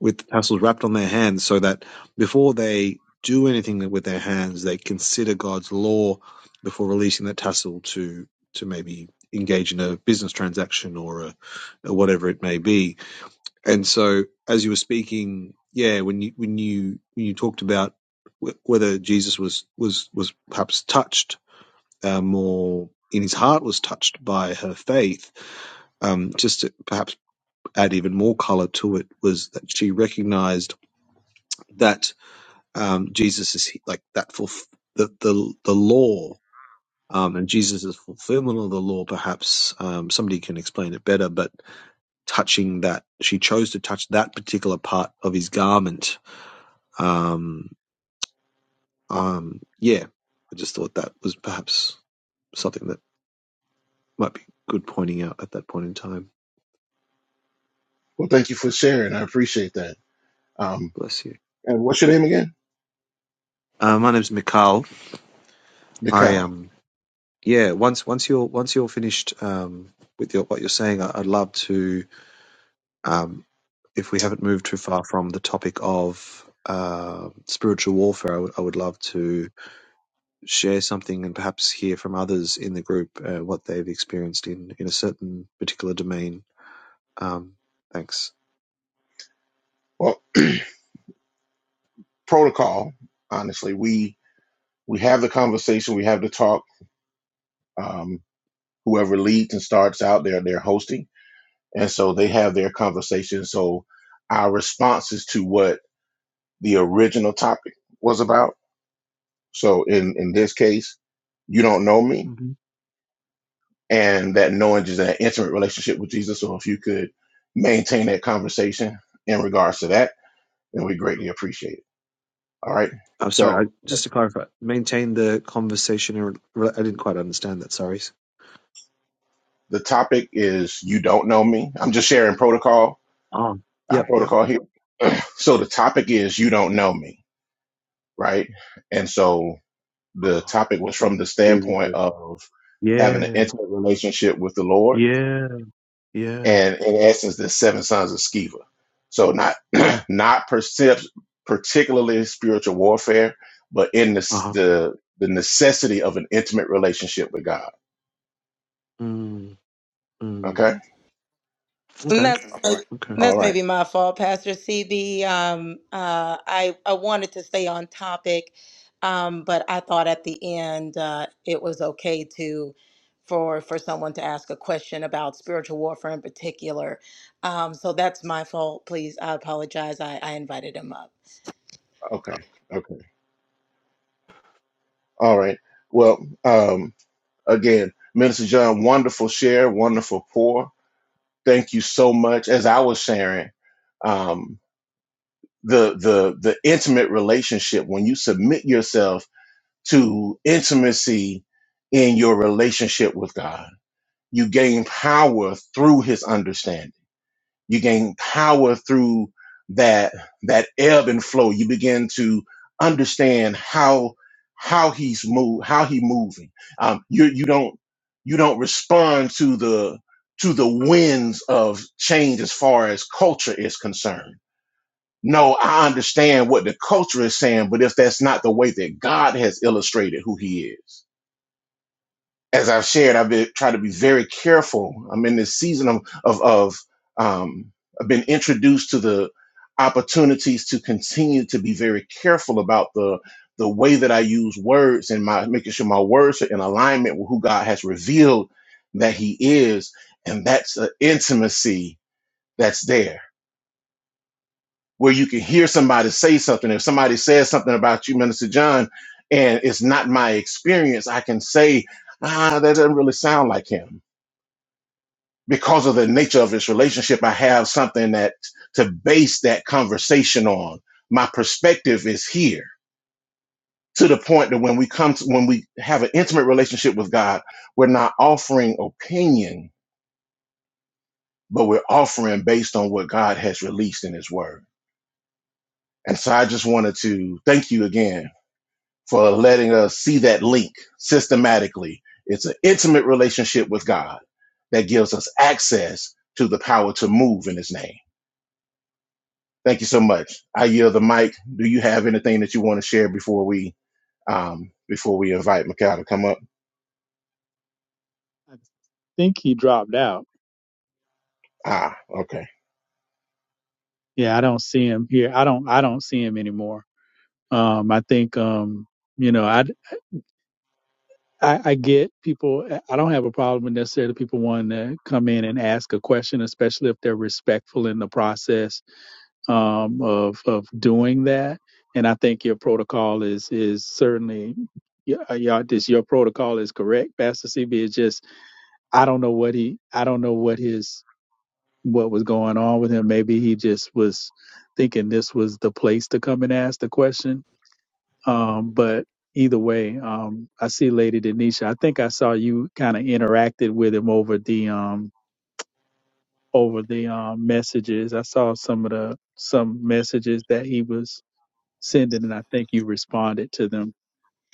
Speaker 5: with the tassels wrapped on their hands so that before they do anything with their hands, they consider God's law before releasing that tassel to, to maybe engage in a business transaction or a, or whatever it may be and so, as you were speaking, yeah, when you when you when you talked about wh- whether Jesus was was was perhaps touched uh, more in his heart was touched by her faith, um, just to perhaps add even more color to it was that she recognized that um, Jesus is like that for the the the law. Um, and Jesus' fulfillment of the law, perhaps um, somebody can explain it better, but touching that, she chose to touch that particular part of his garment Um, um, yeah, I just thought that was perhaps something that might be good pointing out at that point in time.
Speaker 3: Well, thank you for sharing. I appreciate that. Um,
Speaker 5: Bless you.
Speaker 3: and what's your name again?
Speaker 5: Uh, my name's Mikhail. I
Speaker 3: Nicole.
Speaker 5: um, yeah. Once once you're once you're finished um, with your, what you're saying, I, I'd love to um, if we haven't moved too far from the topic of uh, spiritual warfare, I would I would love to share something and perhaps hear from others in the group uh, what they've experienced in, in a certain particular domain Um, thanks.
Speaker 3: Well, protocol. Honestly, we we have the conversation, we have the talk. Um, whoever leads and starts out, they're they're hosting, and so they have their conversation. So our response is to what the original topic was about. So in in this case, you don't know me,
Speaker 5: hmm
Speaker 3: and that knowing is an intimate relationship with Jesus. So if you could maintain that conversation in regards to that, then we greatly appreciate it. All right.
Speaker 5: I'm
Speaker 3: So
Speaker 5: sorry. I, just to clarify, maintain the conversation. In, re- I didn't quite understand that. Sorry.
Speaker 3: the topic is you don't know me. I'm just sharing protocol,
Speaker 5: Oh,
Speaker 3: our
Speaker 5: yep, yep.
Speaker 3: protocol here. So the topic is you don't know me, right? And so the
Speaker 5: Oh,
Speaker 3: topic was
Speaker 5: from
Speaker 3: from the
Speaker 5: Jesus.
Speaker 3: standpoint of having an
Speaker 5: Yeah,
Speaker 3: intimate relationship with the Lord
Speaker 5: yeah, yeah.
Speaker 3: and in essence, the seven sons of Sceva. So not not percept, particularly spiritual warfare, but in the,
Speaker 5: Uh
Speaker 3: s-
Speaker 5: huh.
Speaker 3: the the necessity of an intimate relationship with God.
Speaker 5: Mm, mm.
Speaker 3: Okay.
Speaker 4: And
Speaker 5: Okay,
Speaker 4: that's
Speaker 5: okay.
Speaker 3: All
Speaker 4: that's
Speaker 3: right.
Speaker 4: maybe my fault, Pastor CB. Um, uh, I I wanted to stay on topic, um, but I thought at the end uh, it was okay to for for someone to ask a question about spiritual warfare in particular. Um, so that's my fault. Please, I apologize. I, I invited him up.
Speaker 3: Okay. Okay. All right. Well, um, again, Minister John, wonderful share, wonderful pour. Thank you so much. As I was sharing, um, the the the intimate relationship when you submit yourself to intimacy in your relationship with God. You gain power through his understanding. You gain power through that that ebb and flow. You begin to understand how how he's move how he moving. Um, you you don't you don't respond to the to the winds of change as far as culture is concerned. No, I understand what the culture is saying, but if that's not the way that God has illustrated who he is, as I've shared, I've been trying to be very careful. I'm in this season of of, of um, I've been introduced to the opportunities to continue to be very careful about the the way that I use words and my making sure my words are in alignment with who God has revealed that He is, and that's an intimacy that's there where you can hear somebody say something. If somebody says something about you, Minister John, and it's not my experience, I can say, ah, that doesn't really sound like him because of the nature of this relationship, I have something that to base that conversation on. My perspective is here to the point that when we come to, when we have an intimate relationship with God, we're not offering opinion, but we're offering based on what God has released in his word. And so I just wanted to thank you again for letting us see that link systematically. It's an intimate relationship with God that gives us access to the power to move in his name. Thank you so much. I yield the mic. Do you have anything that you want to share before we um before we invite Mikhail to come up?
Speaker 2: think he dropped out.
Speaker 3: Ah, okay.
Speaker 2: Yeah, I don't see him here. I don't I don't see him anymore. Um, I think um, you know, I, I I get people. eh, I don't have a problem with necessarily people wanting to come in and ask a question, especially if they're respectful in the process um, of of doing that. And I think your protocol is is certainly. Yeah, yeah, this your protocol is correct, Pastor CB. It's just I don't know what he, I don't know what his what was going on with him. Maybe he just was thinking this was the place to come and ask the question. Um, but either way, um, I see Lady Denisha. I think I saw you kind of interacted with him over the um, over the um, messages. I saw some of the some messages that he was sending, and I think you responded to them.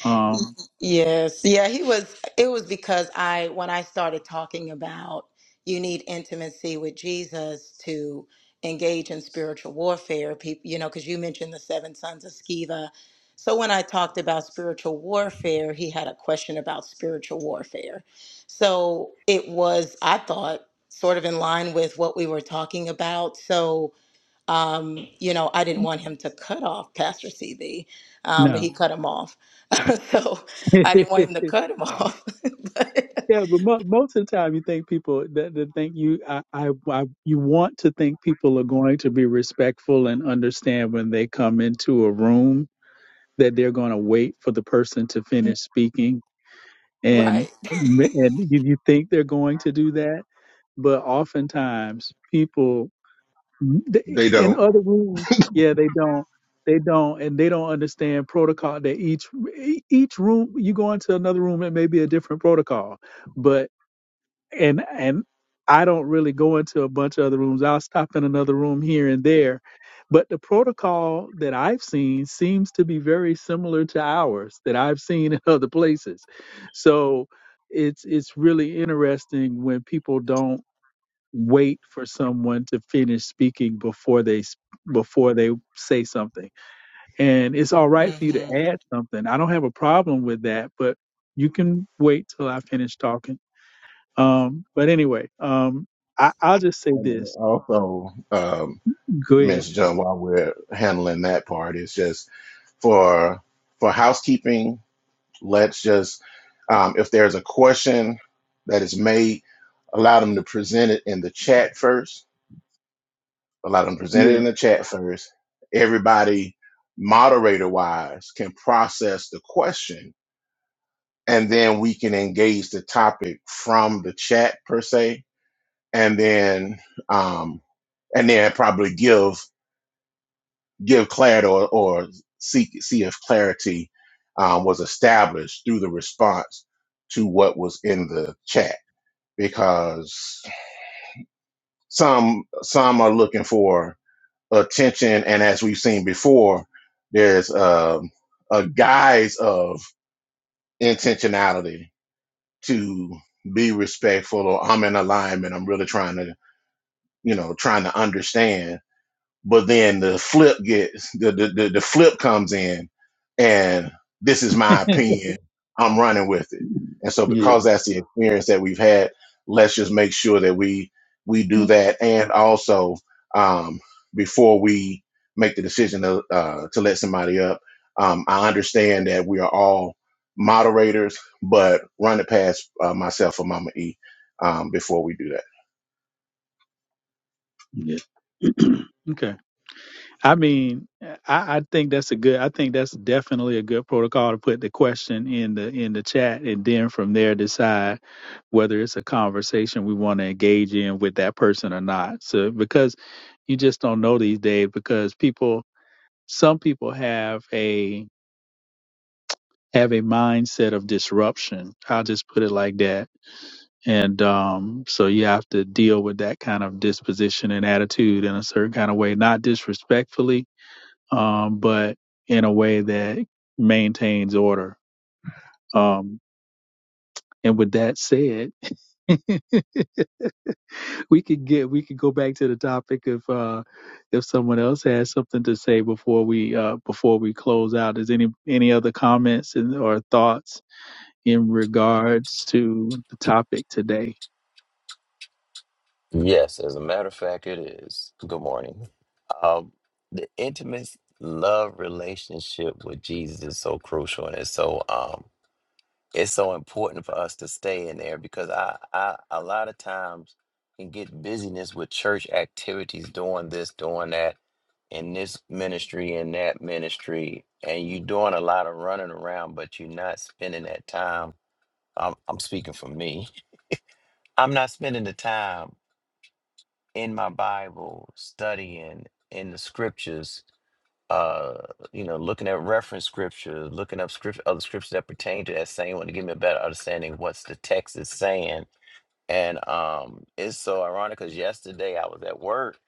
Speaker 2: Um,
Speaker 4: Yes. Yeah, he was it was because I when I started talking about you need intimacy with Jesus to engage in spiritual warfare, people, you know, cuz you mentioned the seven sons of Sceva. So when I talked about spiritual warfare, he had a question about spiritual warfare. So it was I thought sort of in line with what we were talking about. So um, you know, I didn't want him to cut off Pastor CB, um, but
Speaker 2: no.
Speaker 4: he cut him off. so I didn't want him to cut him off. but,
Speaker 2: Yeah, but mo- most of the time, you think people that, that think you, I, I, I, you want to think people are going to be respectful and understand when they come into a room that they're going to wait for the person to finish speaking, and
Speaker 4: right.
Speaker 2: m- and you, you think they're going to do that, but oftentimes people they-
Speaker 3: They
Speaker 2: in
Speaker 3: don't.
Speaker 2: other rooms, yeah, they don't, they don't, and they don't understand protocol. That each e-, each room, you go into another room, it may be a different protocol, but and and I don't really go into a bunch of other rooms. I'll stop in another room here and there. But the protocol that I've seen seems to be very similar to ours that I've seen in other places. So it's it's really interesting when people don't wait for someone to finish speaking before they s- before they say something. And it's all right for you to
Speaker 4: hmm
Speaker 2: add something. I don't have a problem with that, but you can wait till I finish talking. Um, but anyway, um, I, I'll just say
Speaker 3: And then
Speaker 2: this.
Speaker 3: also, um,
Speaker 2: Go ahead.
Speaker 3: Ms. John, while we're handling that part, it's just for for housekeeping, let's just um, if there's a question that is made, allow them to present it in the chat first. Allow them to present it
Speaker 2: Yeah.
Speaker 3: in the chat first. Everybody moderator wise can process the question and then we can engage the topic from the chat per se, and then um, and then probably give give clarity or, or seek see if clarity um, was established through the response to what was in the chat because some some are looking for attention and as we've seen before there's um a guise of intentionality to be respectful or I'm in alignment. I'm really trying to, you know, trying to understand but then the flip gets the the, the, the flip comes in and this is my opinion i'm running with it and so
Speaker 2: Yeah.
Speaker 3: because that's the experience that we've had let's just make sure that we we do that and also um, before we make the decision to, uh, to let somebody up um, i understand that we are all moderators but run it past uh, myself or mama e um, before we do that
Speaker 2: Yeah. okay. I mean, I, I think that's a good. I think that's definitely a good protocol to put the question in the in the chat, and then from there decide whether it's a conversation we want to engage in with that person or not. So because you just don't know these days, because people, some people have a have a mindset of disruption. I'll just put it like that And um, so you have to deal with that kind of disposition and attitude in a certain kind of way, not disrespectfully, um, but in a way that maintains order. Um, and with that said, we could get we could go back to the topic if uh, if someone else has something to say before we uh, before we close out. Is any any other comments and or thoughts in regards to the topic today?
Speaker 6: Yes, as a matter of fact, it is. Good morning. Um, the intimate love relationship with Jesus is so crucial, and it's so um, it's so important for us to stay in there because I, I a lot of times can get busyness with church activities, doing this, doing that, in this ministry, in that ministry, and you're doing a lot of running around, but you're not spending that time. I'm, I'm speaking for me. I'm not spending the time in my Bible, studying in the scriptures, uh, you know, looking at reference scripture, looking up script other scriptures that pertain to that same one to give me a better understanding of what's the text is saying. And um, it's so ironic because yesterday I was at work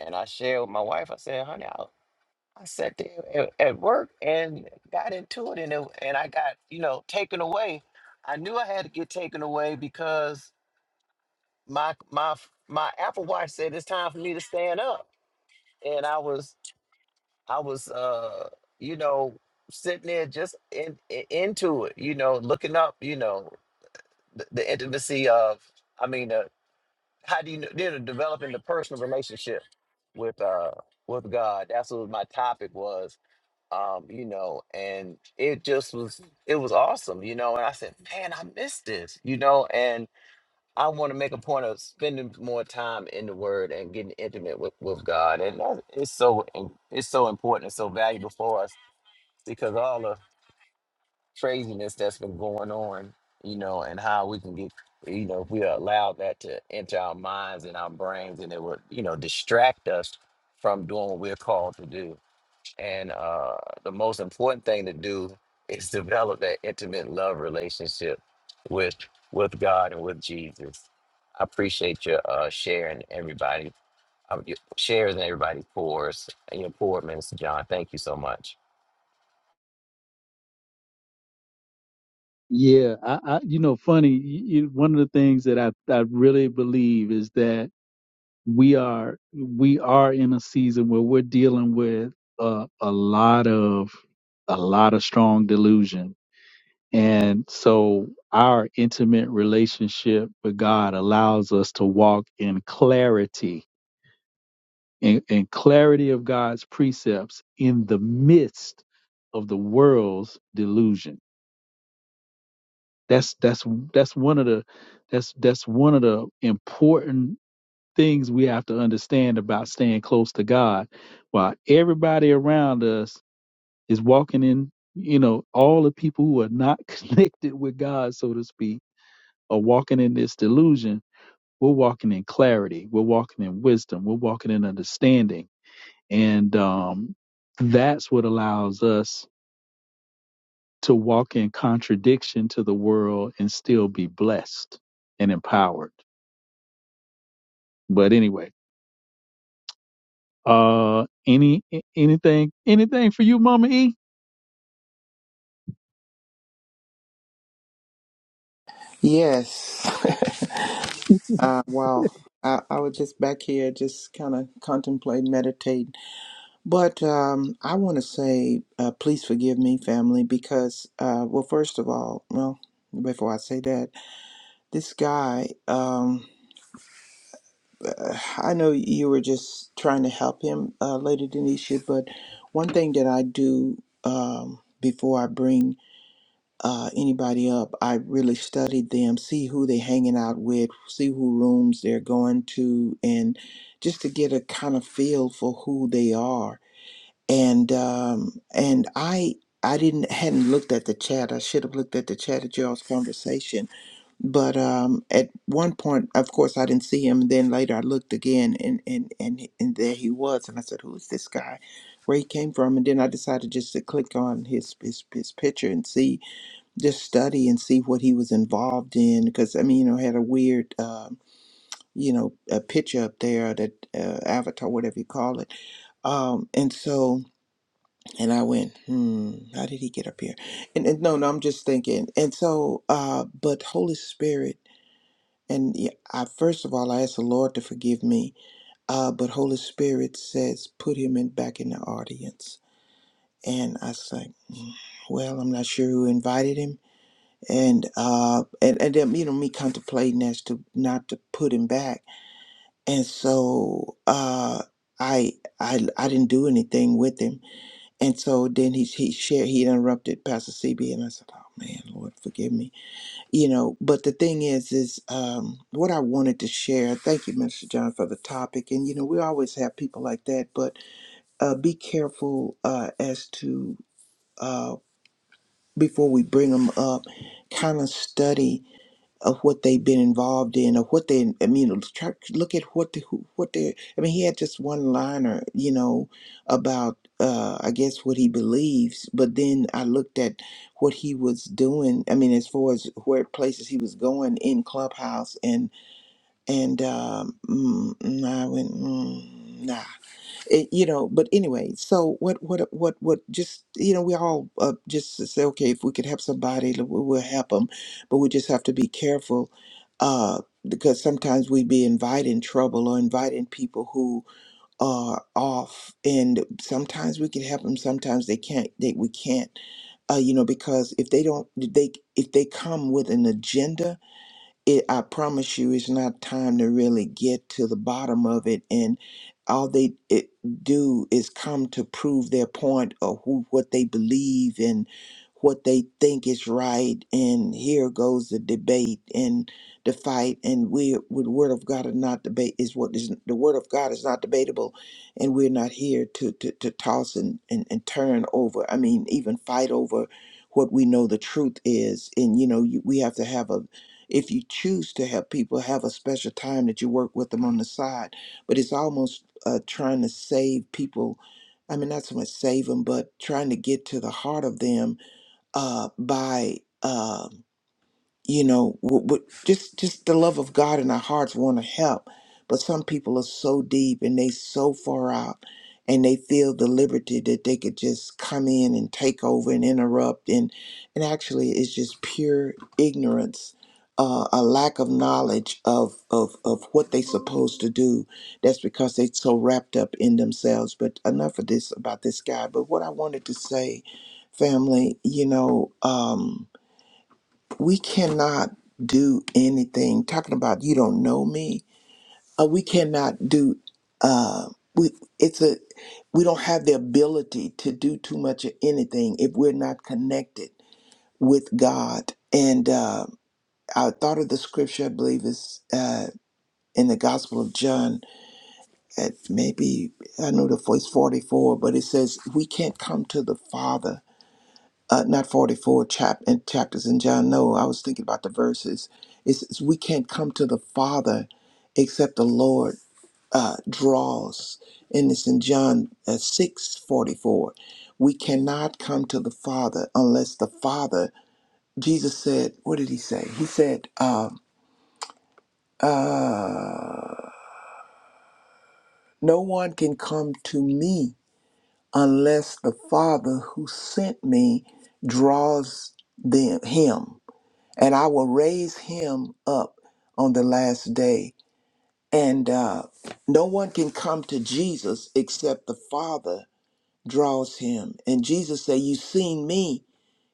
Speaker 6: and I shared with my wife. I said, "Honey, I, I sat there at, at work and got into it, and it, and I got you know taken away. I knew I had to get taken away because my my my Apple Watch said it's time for me to stand up." and I was I was uh you know sitting there just in, in- into it, you know, looking up, you know, the, the intimacy of I mean, uh, how do you know, you know developing the personal relationship with uh with God. That's what my topic was. Um, you know, and it just was it was awesome, you know, and I said, "Man, I missed this." You know, I want to make a point of spending more time in the Word and getting intimate with, with God, and that- it's so im- it's so important and so valuable for us because all the craziness that's been going on, you know, and how we can get, you know, if we allow that to enter our minds and our brains, and it would, you know, distract us from doing what we're called to do. And uh, the most important thing to do is develop that intimate love relationship with with God and with Jesus. I appreciate your uh, sharing everybody, uh, your shares and everybody pours and your poor, Minister John. Thank you so much.
Speaker 2: Yeah, I, I you know, funny. You, you- one of the things that I I really believe is that we are we are in a season where we're dealing with a, a lot of a lot of strong delusion, and so our intimate relationship with God allows us to walk in clarity in, in clarity of God's precepts in the midst of the world's delusion. That's that's that's one of the that's that's one of the important things we have to understand about staying close to God. While everybody around us is walking in, you know, all the people who are not connected with God, so to speak, are walking in this delusion. We're walking in clarity. We're walking in wisdom. We're walking in understanding. And um, that's what allows us to walk in contradiction to the world and still be blessed and empowered. But anyway, uh, any a- anything anything for you, Mama E?
Speaker 7: Yes. Uh, wow. I, I was just back here, just kind of contemplate, meditate. But um, I want to say, uh, please forgive me, family, because, uh, well, first of all, well, before I say that, this guy, um, uh, I know you were just trying to help him, uh, Lady Denisha, but one thing that I do um, before I bring uh, anybody up. I really studied them, see who they hanging out with, see who rooms they're going to, and just to get a kind of feel for who they are. And um, and I I didn't hadn't looked at the chat. I should have looked at the chat at y'all's conversation. But um, at one point, of course, I didn't see him. And then later, I looked again, and and and and there he was. And I said, "Who is this guy?" Where he came from? And then I decided just to click on his his, his picture and see just study and see what he was involved in because i mean you know had a weird um, you know a picture up there that uh, avatar whatever you call it um and so and i went hmm how did he get up here and, and no no i'm just thinking and so uh but holy spirit and y- I first of all I asked the Lord to forgive me, uh, but Holy Spirit says put him in back in the audience, and I was like, "Mm, well I'm not sure who invited him, and uh and, and then you know me contemplating as to not to put him back and so uh I, I I didn't do anything with him, and so then he he shared he interrupted Pastor CB, and I said, "Oh man, Lord, forgive me," you know. But the thing is, is um, what I wanted to share. Thank you, Minister John, for the topic, and you know we always have people like that, but uh, be careful uh, as to uh, before we bring them up, kind of study of what they've been involved in or what they I mean try, look at what the, who- what they I mean he had just one liner you know about uh I guess what he believes but then I looked at what he was doing I mean as far as where places he was going in clubhouse and and um mm, mm, I went mm, nah it, you know but anyway so what what uh, what what just you know we all uh, just to say okay if we could help somebody l- we- we'll help them but we just have to be careful uh because sometimes we be inviting trouble or inviting people who are off and sometimes we can help them sometimes they can't they we can't uh you know because if they don't they if they come with an agenda it i promise you it's not time to really get to the bottom of it and all they it, do is come to prove their point or who what they believe and what they think is right and here goes the debate and the fight and we with the word of god is not debate is what is the word of god is not debatable and we're not here to to, to toss and, and and turn over i mean even fight over what we know the truth is and you know you, we have to have a if you choose to help people have a special time that you work with them on the side but it's almost uh, trying to save people i mean not so much save them but trying to get to the heart of them uh, by um you know w- w- just just the love of god in our hearts want to help but some people are so deep and they so far out and they feel the liberty that they could just come in and take over and interrupt and and actually it's just pure ignorance uh, a lack of knowledge of, of of what they supposed to do that's because they so wrapped up in themselves but enough of this about this guy but what i wanted to say family you know um we cannot do anything talking about you don't know me uh, we cannot do uh, we it's a we don't have the ability to do too much of anything if we're not connected with god and uh, i thought of the scripture i believe is uh, in the gospel of john at maybe i know the voice 44 but it says we can't come to the father uh, not 44 chap- and chapters in John. No, I was thinking about the verses. It's, it's we can't come to the Father except the Lord uh, draws. And it's in John uh, 6 forty-four. We cannot come to the Father unless the Father, Jesus said, what did he say? He said, um, uh, no one can come to me unless the Father who sent me draws them, him. and I will raise him up on the last day. And uh, no one can come to Jesus except the Father draws him. And Jesus said, You've seen me,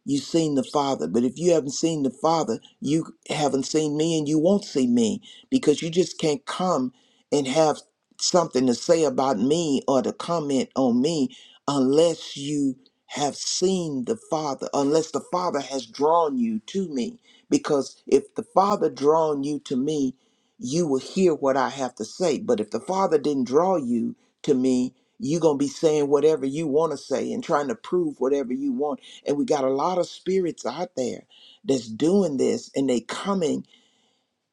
Speaker 7: You've seen the Father. But if you haven't seen the Father, you haven't seen me and you won't see me because you just can't come and have something to say about me or to comment on me unless you have seen the Father, unless the Father has drawn you to me. Because if the Father drawn you to me, you will hear what I have to say. But if the Father didn't draw you to me, you're going to be saying whatever you want to say and trying to prove whatever you want and we got a lot of spirits out there that's doing this and they coming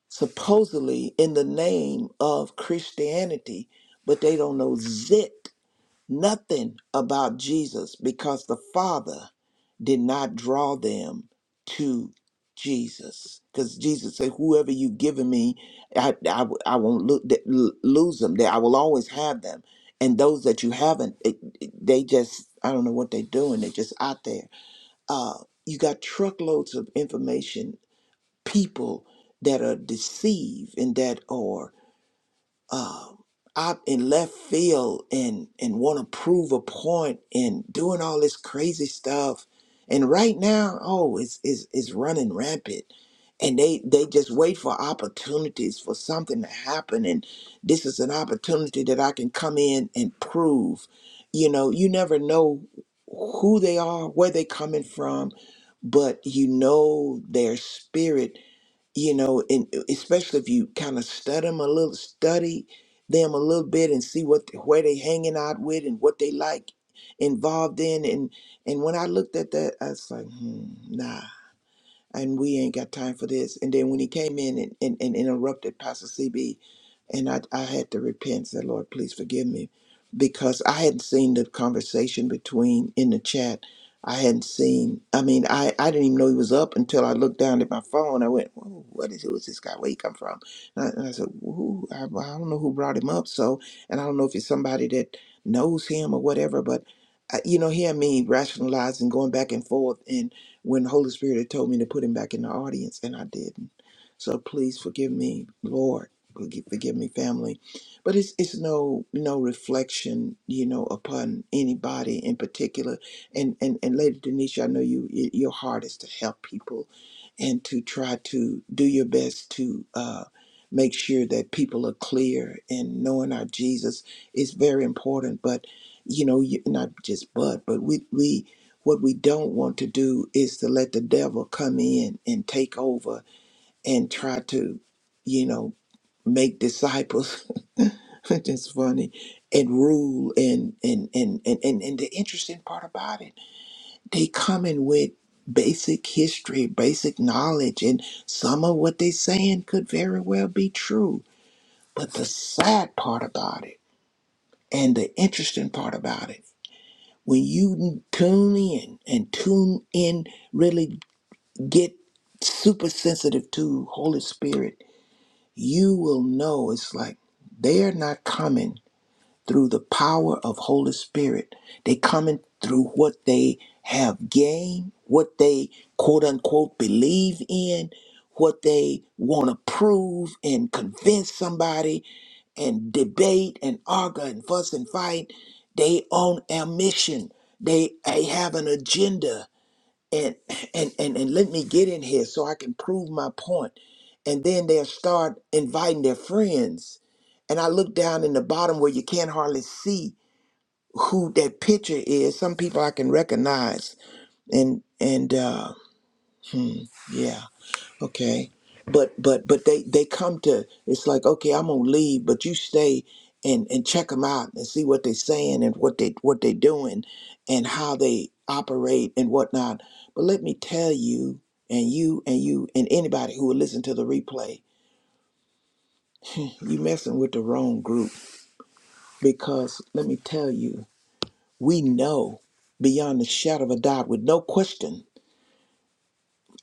Speaker 7: supposedly in the name of Christianity, but they don't know zit, nothing about Jesus because the Father did not draw them to Jesus. Because Jesus said, Whoever you given me, I, I, I won't lo- th- l- lose them. That I will always have them. And those that you haven't, it, it- they just, I don't know what they're doing. They're just out there uh, you got truckloads of information, people that are deceived and that are um, out in left field and and want to prove a point and doing all this crazy stuff. And right now, oh, it's it's it's running rampant. And they they just wait for opportunities for something to happen. And this is an opportunity that I can come in and prove. You know, you never know who they are, where they coming from, but you know their spirit you know, and especially if you kind of study them a little, study them a little bit and see what where they hanging out with and what they like involved in. And and when I looked at that, I was like, hmm, nah and we ain't got time for this. And then when he came in and, and, and interrupted Pastor CB, and I, I had to repent, said, Lord, please forgive me, because I hadn't seen the conversation between in the chat. I hadn't seen, I mean, I, I didn't even know he was up until I looked down at my phone. I went, Whoa, what is, who is this guy? Where he come from? And I, and I said, who, I, I don't know who brought him up. So, and I don't know if it's somebody that knows him or whatever, but, uh, you know, hear me rationalizing, going back and forth when the Holy Spirit had told me to put him back in the audience, and I didn't. So please forgive me, Lord. Forgive, forgive me, family. But it's it's no no reflection, you know, upon anybody in particular. And and and Lady Denisha, I know you y- your heart is to help people, and to try to do your best to. Uh, Make sure that people are clear and knowing our Jesus is very important. But you know, you, not just but, but we we what we don't want to do is to let the devil come in and take over and try to, you know, make disciples. It's funny. And rule and and, and and and and the interesting part about it, they come in with basic history, basic knowledge, and some of what they are saying could very well be true. But the sad part about it and the interesting part about it, when you tune in and tune in really. get super sensitive to Holy Spirit, you will know it's like they're not coming through the power of Holy Spirit. They coming through what they have gained, what they quote unquote believe in, what they want to prove and convince somebody and debate and argue and fuss and fight. They own a mission. They, they have an agenda and and and and let me get in here so I can prove my point. And then they'll start inviting their friends. And I look down in the bottom where you can't hardly see who that picture is. Some people I can recognize. And and uh yeah. Okay. But but but they they come to it's like okay I'm gonna leave but you stay and and check them out and see what they're saying and what they what they're doing and how they operate and whatnot. But let me tell you and you and you and anybody who will listen to the replay, you messing with the wrong group because let me tell you we know beyond the shadow of a doubt with no question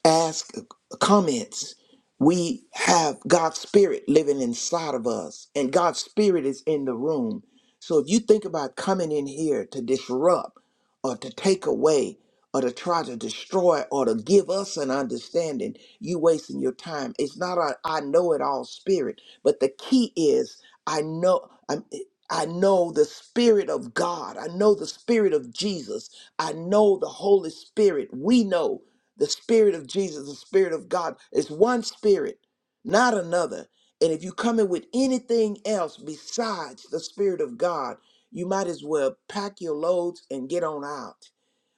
Speaker 7: ask comments. We have God's spirit living inside of us, and God's spirit is in the room. So if you think about coming in here to disrupt or to take away or to try to destroy or to give us an understanding, you wasting your time. It's not a I know it all spirit, but the key is I know I'm I know the Spirit of God. I know the Spirit of Jesus. I know the Holy Spirit. We know the Spirit of Jesus, the Spirit of God, is one Spirit, not another. And if you come in with anything else besides the Spirit of God, you might as well pack your loads and get on out.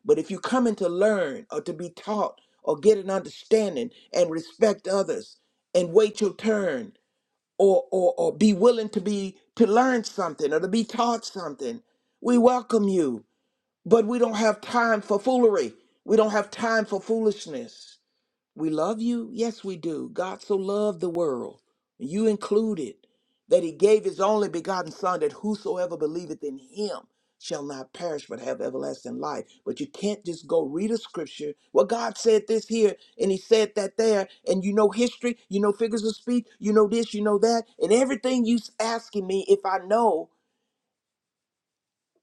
Speaker 7: But if you come in to learn or to be taught or get an understanding and respect others and wait your turn or, or, or be willing to be to learn something or to be taught something, we welcome you. But we don't have time for foolery. We don't have time for foolishness. We love you. Yes, we do. God so loved the world, you included, that he gave his only begotten Son, that whosoever believeth in him shall not perish but have everlasting life. But you can't just go read a scripture. Well, God said this here, and he said that there, and you know history, you know figures of speech, you know this, you know that, and everything you s- asking me if I know,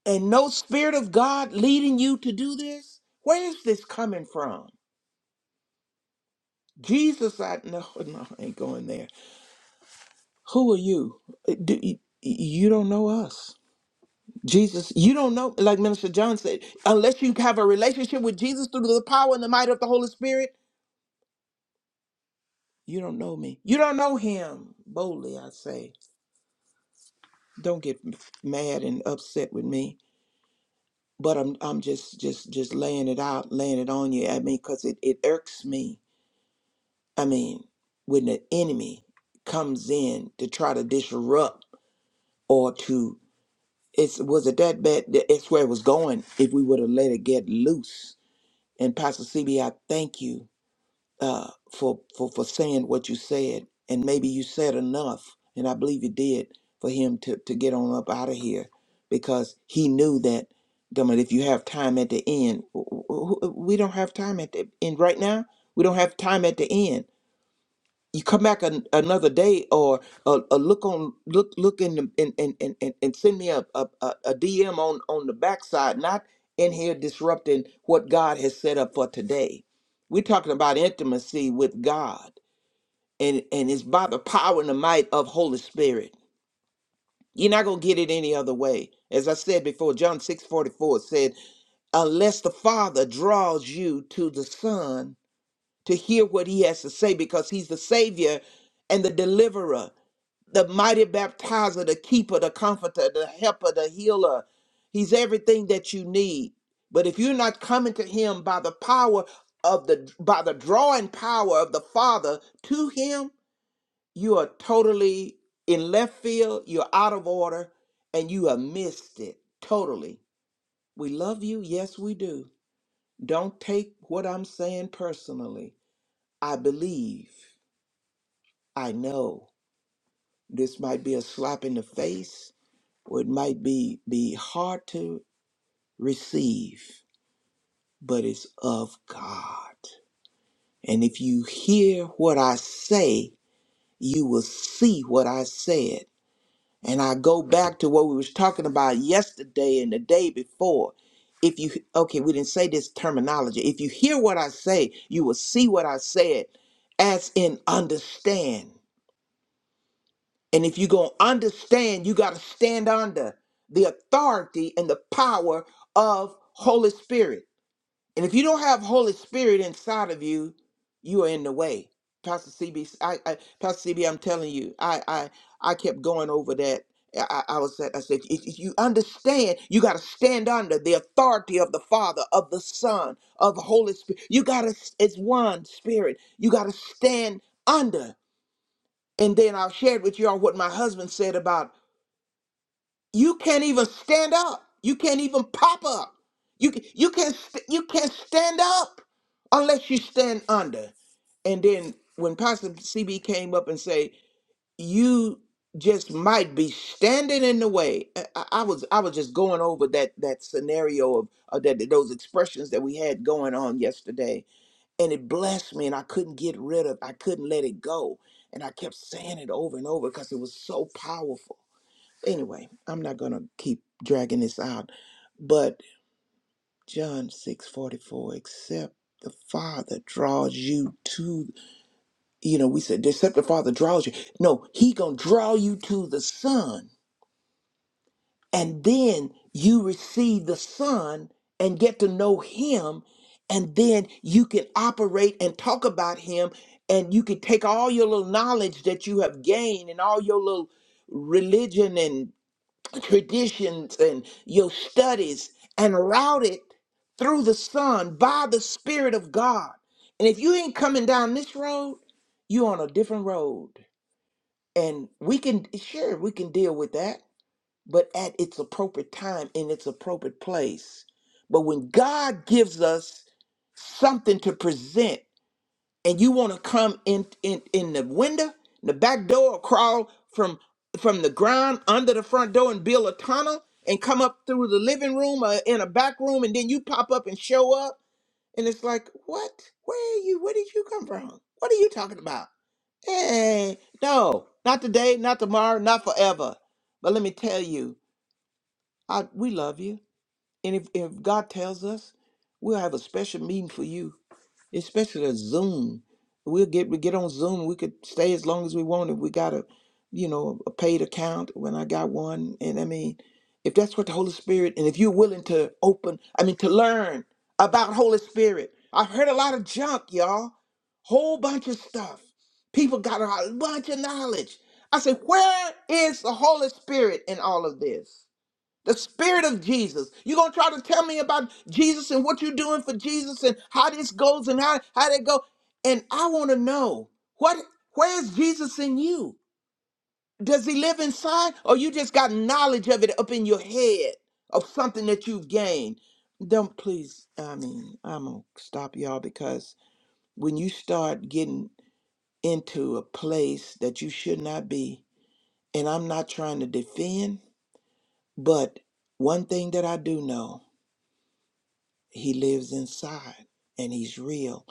Speaker 7: and no spirit of God leading you to do this? Where is this coming from? Jesus, I no, no, I ain't going there. Who are you? Eh, Do, you don't know us. Jesus, you don't know, like Minister John said, unless you have a relationship with Jesus through the power and the might of the Holy Spirit, you don't know me. You don't know him. Boldly I say, don't get mad and upset with me. But I'm I'm just just just laying it out, laying it on you. I mean, because it, it irks me. I mean, when the enemy comes in to try to disrupt or to it's was it that bad that it's where it was going if we would have let it get loose and pastor C B, I thank you uh for for for saying what you said and maybe you said enough and i believe you did for him to to get on up out of here because he knew that come on, if you have time at the end w- w- w- we don't have time at the end right now we don't have time at the end you come back an, another day or uh, uh, look on look look in the and and and, and and send me a, a a dm on on the backside not in here disrupting what god has set up for today we're talking about intimacy with god and and it's by the power and the might of holy spirit you're not going to get it any other way as i said before john 6 44 said unless the father draws you to the son to hear what he has to say because he's the savior and the deliverer the mighty baptizer, the keeper, the comforter, the helper, the healer. He's everything that you need. But if you're not coming to him by the power of the by the drawing power of the Father to him, you are totally in left field, you're out of order, and you have missed it totally. We love you, yes we do. Don't take what I'm saying personally. I believe, I know. This might be a slap in the face, or it might be be hard to receive, but it's of God. And if you hear what I say, you will see what I said. And I go back to what we was talking about yesterday and the day before. If you okay, we didn't say this terminology. If you hear what I say, you will see what I said, as in understand. And if you're going to understand, you got to stand under the authority and the power of Holy Spirit. And if you don't have Holy Spirit inside of you, you are in the way. Pastor CB, Pastor CB, I'm telling you, I, I, I kept going over that. I, I I was, I said, if if you understand, you got to stand under the authority of the Father, of the Son, of the Holy Spirit. You got to, it's one Spirit. You got to stand under. And then I'll share with y'all what my husband said about you can't even stand up. You can't even pop up. You you can't st- you can't stand up unless you stand under. And then when Pastor CB came up and say you just might be standing in the way, I, I I was I was just going over that that scenario of, of that those expressions that we had going on yesterday and it blessed me and i couldn't get rid of i couldn't let it go and i kept saying it over and over because it was so powerful anyway i'm not gonna keep dragging this out but john 6:44, except the father draws you to you know we said except the father draws you no he gonna draw you to the son and then you receive the son and get to know him and then you can operate and talk about him and you can take all your little knowledge that you have gained and all your little religion and traditions and your studies and route it through the son by the spirit of god and if you ain't coming down this road you're on a different road and we can sure we can deal with that but at its appropriate time in its appropriate place. But when God gives us something to present, and you want to come in in in the window, in the back door, or crawl from from the ground under the front door and build a tunnel and come up through the living room or in a back room, and then you pop up and show up, and it's like, what? Where are you? Where did you come from? What are you talking about? Hey, no, not today, not tomorrow, not forever. But let me tell you. I, we love you. And if, if God tells us, we'll have a special meeting for you, especially a Zoom. We'll get we get on Zoom. We could stay as long as we want if we got a, you know, a paid account when I got one. And I mean, if that's what the Holy Spirit and if you're willing to open, I mean to learn about Holy Spirit. I've heard a lot of junk, y'all. Whole bunch of stuff. People got a bunch of knowledge. I said, where is the Holy Spirit in all of this? The spirit of Jesus. You're gonna try to tell me about Jesus and what you're doing for Jesus and how this goes and how, how that go. And I want to know what where is Jesus in you? Does he live inside? Or you just got knowledge of it up in your head of something that you've gained? Don't please, I mean, I'm gonna stop y'all because when you start getting into a place that you should not be, and I'm not trying to defend, but one thing that I do know. He lives inside and he's real.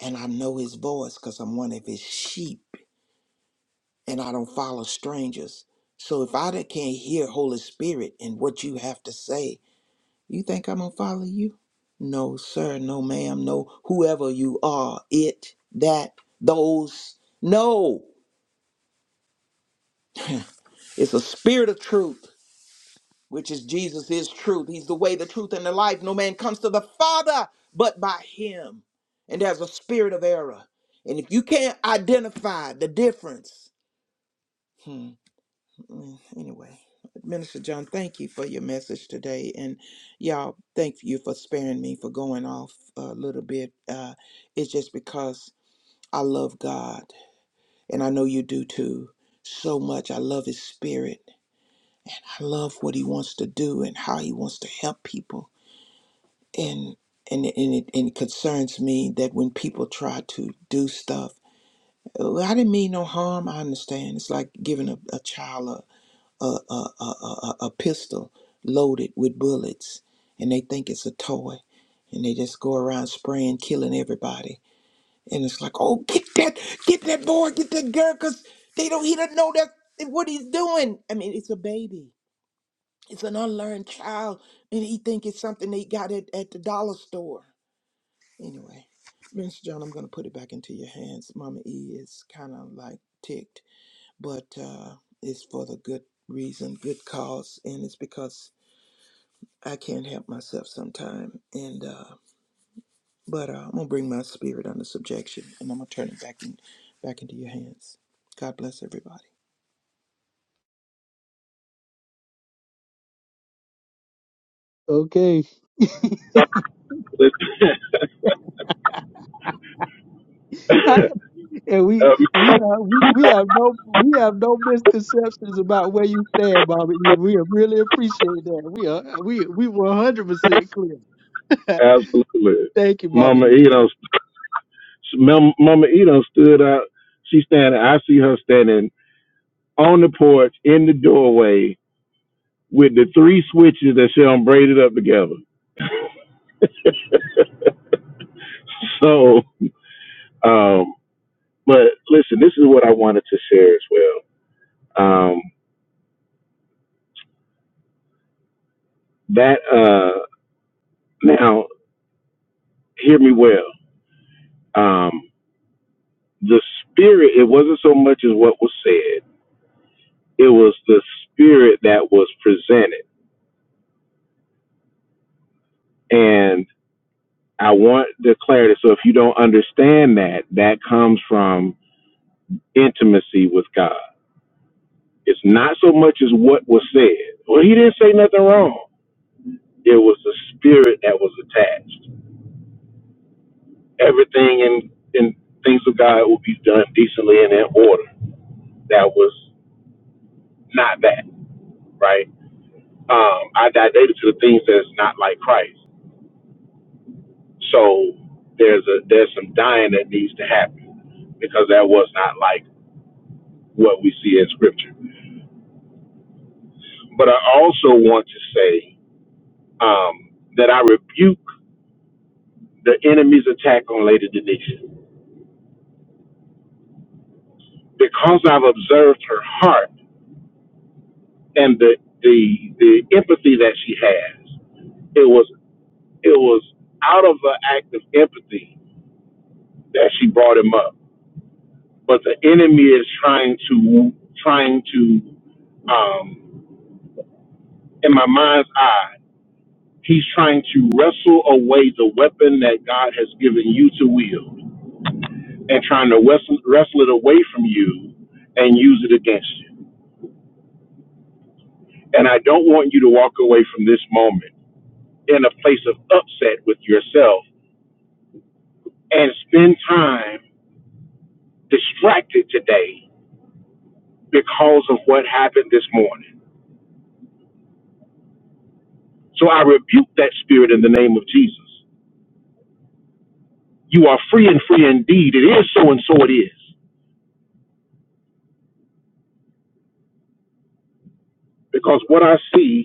Speaker 7: And I know his voice because I'm one of his sheep and I don't follow strangers. So if I da- can't hear Holy Spirit and what you have to say, you think I'm going to follow you? No, sir, no, ma'am, no, whoever you are, it, that, those. No, it's a spirit of truth. which is Jesus is truth. He's the way, the truth, and the life. No man comes to the Father but by him. And there's a spirit of error. And if you can't identify the difference, hmm, mm, anyway. Minister John, thank you for your message today. And y'all, thank you for sparing me for going off a little bit. Uh, it's just because I love God, and I know you do too, so much. I love His Spirit. I love what He wants to do and how He wants to help people and and and it, and it concerns me that when people try to do stuff, "Oh, I didn't mean no harm. I understand. It's like giving a, a child a a, a a a a pistol loaded with bullets, and they think it's a toy, and they just go around spraying, killing everybody. And it's like, oh, get that, get that boy, get that girl, cause they don't, he doesn't know that what he's doing. I mean, it's a baby, it's an unlearned child, and he think it's something they got at, at the dollar store Anyway, Minister John, I'm going to put it back into your hands. Mama E is kind of like ticked, but uh, it's for the good reason, good cause, and it's because I can't help myself sometime. And uh, but uh, I'm gonna bring my spirit under subjection, and I'm gonna turn it back in, back into your hands. God bless everybody.
Speaker 2: Okay, and we we have we have no we have no misconceptions about where you stand, Mama E. We really appreciate that. We are we we one hundred percent clear.
Speaker 3: Absolutely.
Speaker 2: Thank you, Mama
Speaker 3: Mama
Speaker 2: E.
Speaker 3: Edo, Mama Mama Edo stood out. She standing. I see her standing on the porch in the doorway with the three switches that she done braided up together. So, um, but listen, this is what I wanted to share as well. Um, that uh, now, hear me well. Um, the spirit it wasn't so much as what was said it was the spirit that was presented and i want the clarity so if you don't understand that that comes from intimacy with god it's not so much as what was said well he didn't say nothing wrong it was the spirit that was attached everything in in things of god will be done decently and in order that was not that right um i dilated to the things that's not like christ So there's a there's some dying that needs to happen because that was not like what we see in scripture. But I also want to say um, that I rebuke the enemy's attack on Lady Denisha because I've observed her heart and the the the empathy that she has. It was it was out of the act of empathy that she brought him up. But the enemy is trying to trying to um, in my mind's eye He's trying to wrestle away the weapon that God has given you to wield and trying to wrestle, wrestle it away from you and use it against you. And I don't want you to walk away from this moment in a place of upset with yourself and spend time distracted today because of what happened this morning. So I rebuke that spirit in the name of Jesus. You are free and free indeed. It is so and so it is. Because what I see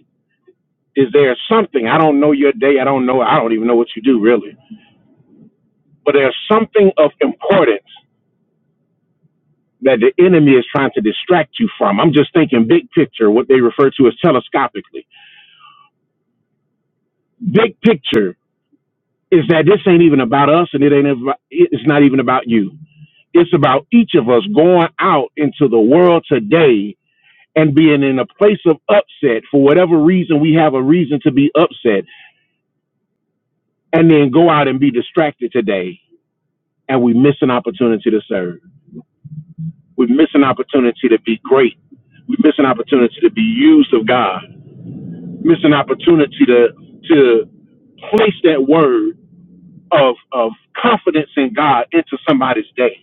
Speaker 3: Is there something? I don't know your day. I don't know. I don't even know what you do really. But there's something of importance that the enemy is trying to distract you from. I'm just thinking big picture, what they refer to as telescopically. Big picture is that this ain't even about us and it ain't about, it's not even about you. It's about each of us going out into the world today and being in a place of upset for whatever reason we have a reason to be upset and then go out and be distracted today and we miss an opportunity to serve. We miss an opportunity to be great. We miss an opportunity to be used of God. Miss an opportunity to to place that word of of confidence in God into somebody's day.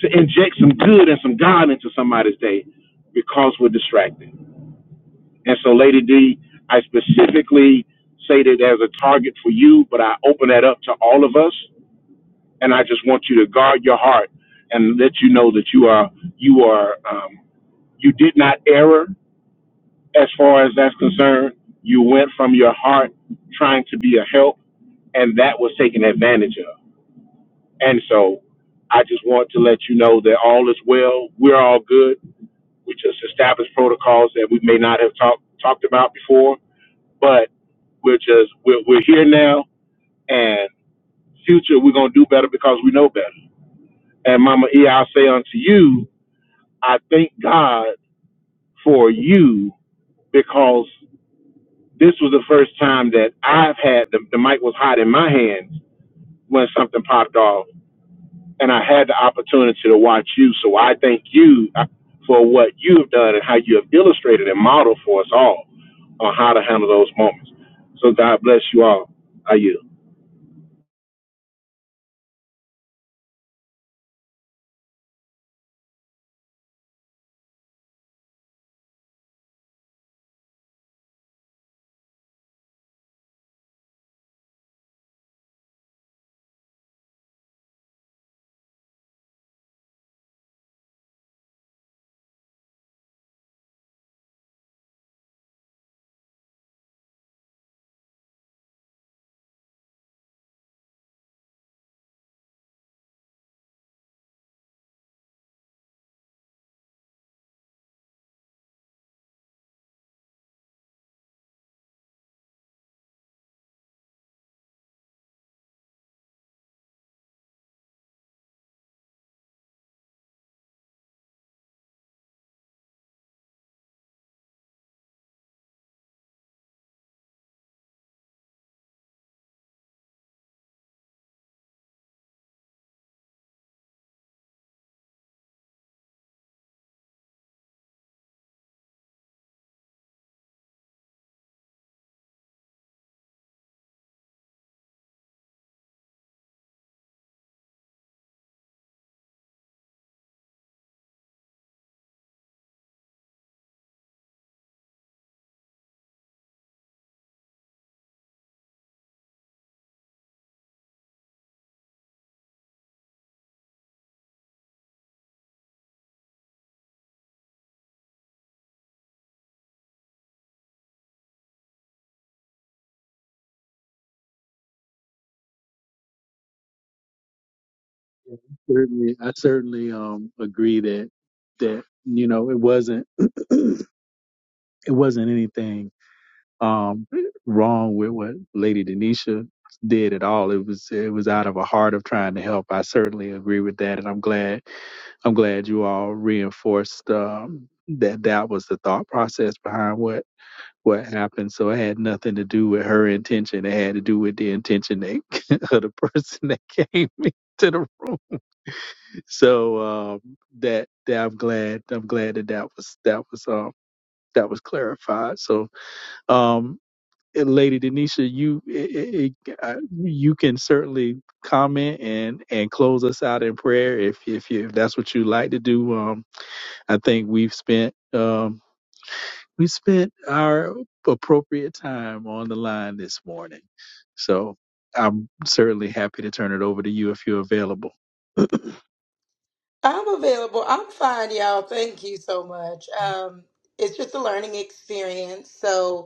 Speaker 3: To inject some good and some God into somebody's day because we're distracted. And so Lady D, I specifically say that as a target for you, but I open that up to all of us and I just want you to guard your heart and let you know that you are you are um, you did not err as far as that's concerned, you went from your heart trying to be a help, and that was taken advantage of. And so I just want to let you know that all is well. We're all good. We just established protocols that we may not have talked talked about before, but we're just we're, we're here now, and future we're gonna do better because we know better. And Mama E, I'll say unto you, I thank God for you because this was the first time that I've had the, the mic was hot in my hands when something popped off, and I had the opportunity to watch you. So I thank you uh, for what you have done and how you have illustrated and modeled for us all on how to handle those moments. So God bless you all. Are you
Speaker 2: certainly I certainly um agree that that you know it wasn't it wasn't anything um wrong with what Lady Denisha did at all. It was it was out of a heart of trying to help. I certainly agree with that, and I'm glad I'm glad you all reinforced um, that that was the thought process behind what what happened. So it had nothing to do with her intention. It had to do with the intention that, of the person that came into the So um, that that I'm glad I'm glad that that was that was um, that was clarified. So um, and Lady Denisha, you it, it, I- you can certainly comment and and close us out in prayer if if you, if that's what you like to do. Um, I think we've spent um, we spent our appropriate time on the line this morning. So I'm certainly happy to turn it over to you if you're available.
Speaker 4: I'm available. I'm fine, y'all. Thank you so much. Um, it's just a learning experience. So.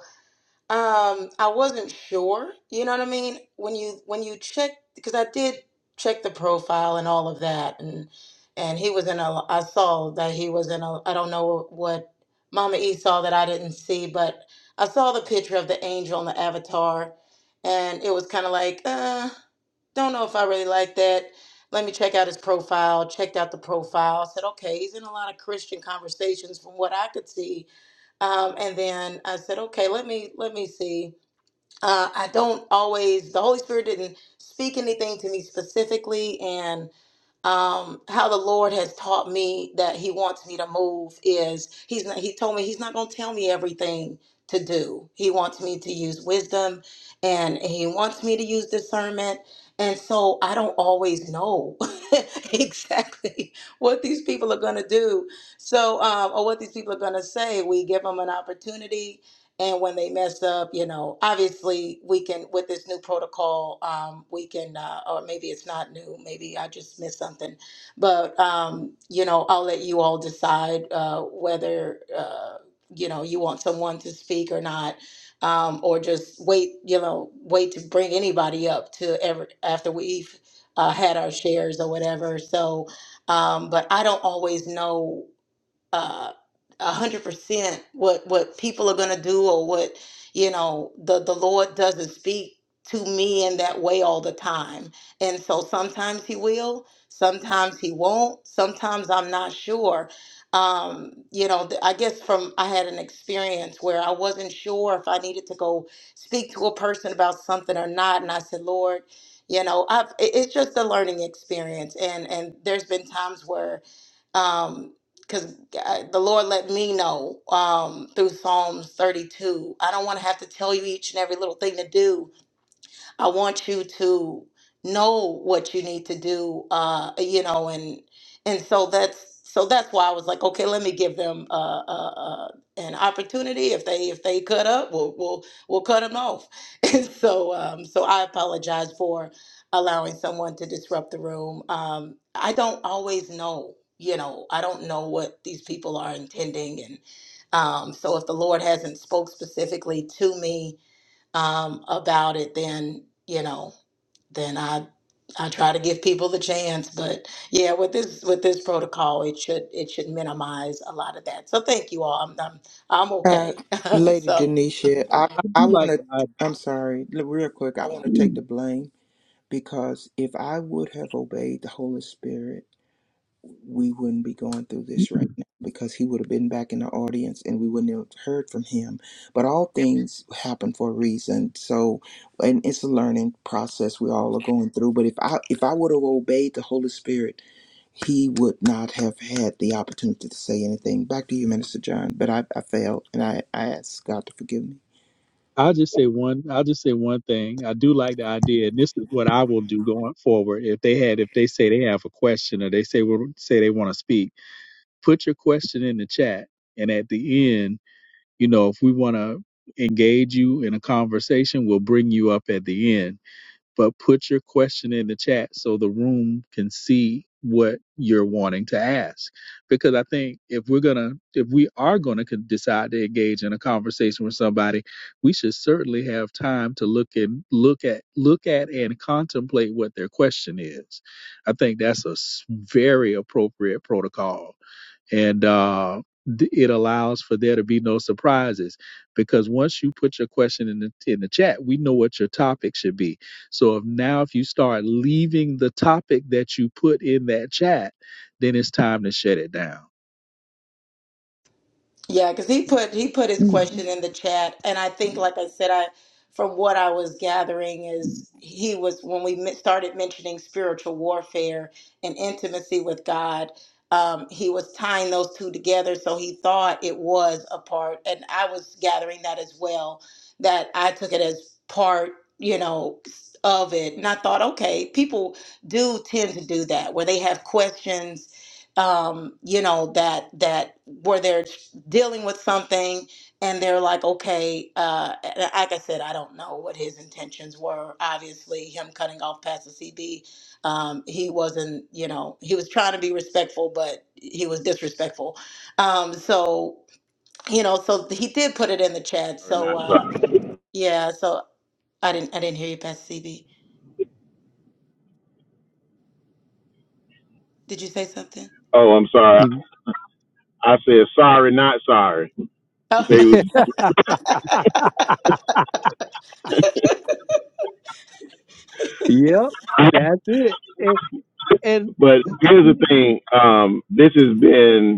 Speaker 4: Um, I wasn't sure. You know what I mean? When you when you check, because I did check the profile and all of that, and and he was in a. I saw that he was in a. I don't know what Mama E saw that I didn't see, but I saw the picture of the angel and the avatar, and it was kind of like, uh, don't know if I really like that. Let me check out his profile. Checked out the profile. Said, okay, he's in a lot of Christian conversations from what I could see. Um, and then I said, okay, let me let me see uh, I don't always, the Holy Spirit didn't speak anything to me specifically. And um, how the Lord has taught me that He wants me to move is He's not, He told me He's not going to tell me everything to do. He wants me to use wisdom and He wants me to use discernment. And so I don't always know exactly what these people are going to do. So, um, or what these people are going to say. We give them an opportunity and when they mess up you know obviously we can with this new protocol um, we can uh, or maybe it's not new maybe i just missed something but um, you know i'll let you all decide uh, whether uh, you know you want someone to speak or not um, or just wait you know wait to bring anybody up to ever after we've uh, had our shares or whatever so um, but i don't always know uh a hundred percent what what people are gonna do or what you know the the Lord doesn't speak to me in that way all the time. And so sometimes he will, sometimes he won't, sometimes I'm not sure. Um, you know, th- I guess from I had an experience where I wasn't sure if I needed to go speak to a person about something or not. And I said, Lord, you know, I've, it- it's just a learning experience. And, and there's been times where um because the lord let me know um through psalms 32 i don't want to have to tell you each and every little thing to do I want you to know what you need to do, uh, you know, and and so that's so that's why I was like, okay, let me give them uh, uh, uh, an opportunity. If they if they cut up, we'll we'll we'll cut them off. And so um, so I apologize for allowing someone to disrupt the room. Um, I don't always know, you know, I don't know what these people are intending, and um, so if the Lord hasn't spoke specifically to me um, about it, then you know, then I I try to give people the chance. But yeah, with this with this protocol, it should it should minimize a lot of that. So thank you all. I'm I'm, I'm
Speaker 7: Uh,
Speaker 4: okay.
Speaker 7: Lady
Speaker 4: so.
Speaker 7: Denisha,
Speaker 2: I,
Speaker 7: I
Speaker 2: I
Speaker 7: I
Speaker 2: do
Speaker 7: want
Speaker 2: like
Speaker 7: to.
Speaker 2: the
Speaker 7: I'm sorry, l- real quick. I want to take the blame because if I would have obeyed the Holy Spirit. we wouldn't be going through
Speaker 2: idea.
Speaker 7: this right now because he would have been back in the audience and we wouldn't have heard from him. But all things happen for a reason. So, and it's a learning process we all are going through. But if I if I would have obeyed the Holy Spirit, he would not have had the opportunity to say anything. Back to you, Minister John. But I, I failed and I, I asked God to forgive me.
Speaker 2: I'll just say one. I'll just say one thing. I do like the idea, and this is what I will do going forward. If they had, if they say they have a question, or they say well, say they want to speak, put your question in the chat, and at the end, you know, if we want to engage you in a conversation, we'll bring you up at the end but put your question in the chat so the room can see what you're wanting to ask because i think if we're gonna if we are gonna con- decide to engage in a conversation with somebody we should certainly have time to look and look at look at and contemplate what their question is i think that's a s- very appropriate protocol and uh, th- it allows for there to be no surprises because once you put your question in the in the chat, we know what your topic should be. So if now if you start leaving the topic that you put in that chat, then it's time to shut it down.
Speaker 4: Yeah, because he put he put his
Speaker 2: Mm.
Speaker 4: question in the chat, and I think, like I said, I from what I was gathering is he was when we men- started mentioning spiritual warfare and intimacy with God. Um, he was tying those two together, so he thought it was a part, and I was gathering that as well. That I took it as part, you know, of it, and I thought, okay, people do tend to do that where they have questions um, you know, that that where they're dealing with something and they're like okay uh and like i said i don't know what his intentions were obviously him cutting off past the cb um he wasn't you know he was trying to be respectful but he was disrespectful um so you know so he did put it in the chat
Speaker 3: or
Speaker 4: so
Speaker 3: not
Speaker 4: uh
Speaker 3: sorry?
Speaker 4: yeah so i didn't i didn't hear you past cb did you say something
Speaker 3: Oh, I'm sorry.
Speaker 2: You-
Speaker 3: I said sorry, not sorry. You say it
Speaker 4: oh
Speaker 3: was,
Speaker 2: Yep, that's it. And, and
Speaker 3: but here's the thing. Um, this has been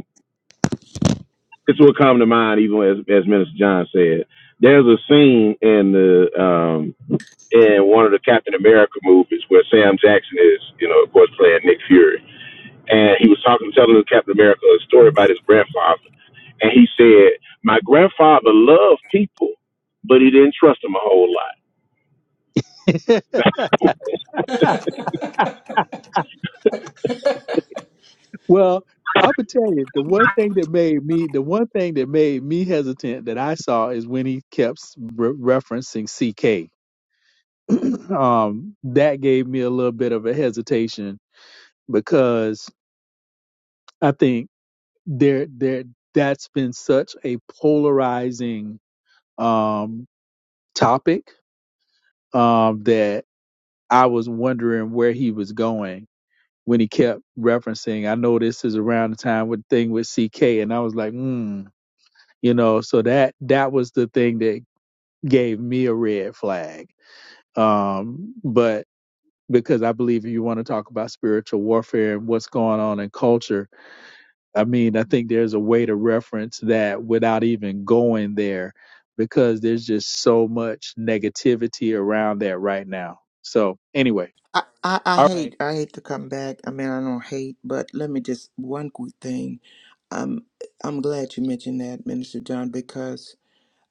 Speaker 3: this will come to mind even as as Minister John said. There's a scene in the um in one of the Captain America movies where Sam Jackson is, you know, of course playing Nick Fury. And he was talking telling Captain America a story about his grandfather. And he said, My grandfather loved people, but he didn't trust them a whole lot.
Speaker 2: well, I'm gonna tell you the one thing that made me the one thing that made me hesitant that I saw is when he kept re- referencing CK um, that gave me a little bit of a hesitation because I think there there that's been such a polarizing um, topic um, that I was wondering where he was going when he kept referencing. I know this is around the time with thing with CK, and I was like, hmm, you know. So that that was the thing that gave me a red flag. Um, but because I believe if you want to talk about spiritual warfare and what's going on in culture, I mean, I think there's a way to reference that without even going there because there's just so much negativity around that right now. So, anyway,
Speaker 7: I, I, I
Speaker 2: all right.
Speaker 7: hate I hate to come back. I mean I don't hate, but let me just one quick thing. Um I'm glad you mentioned that, Minister John, because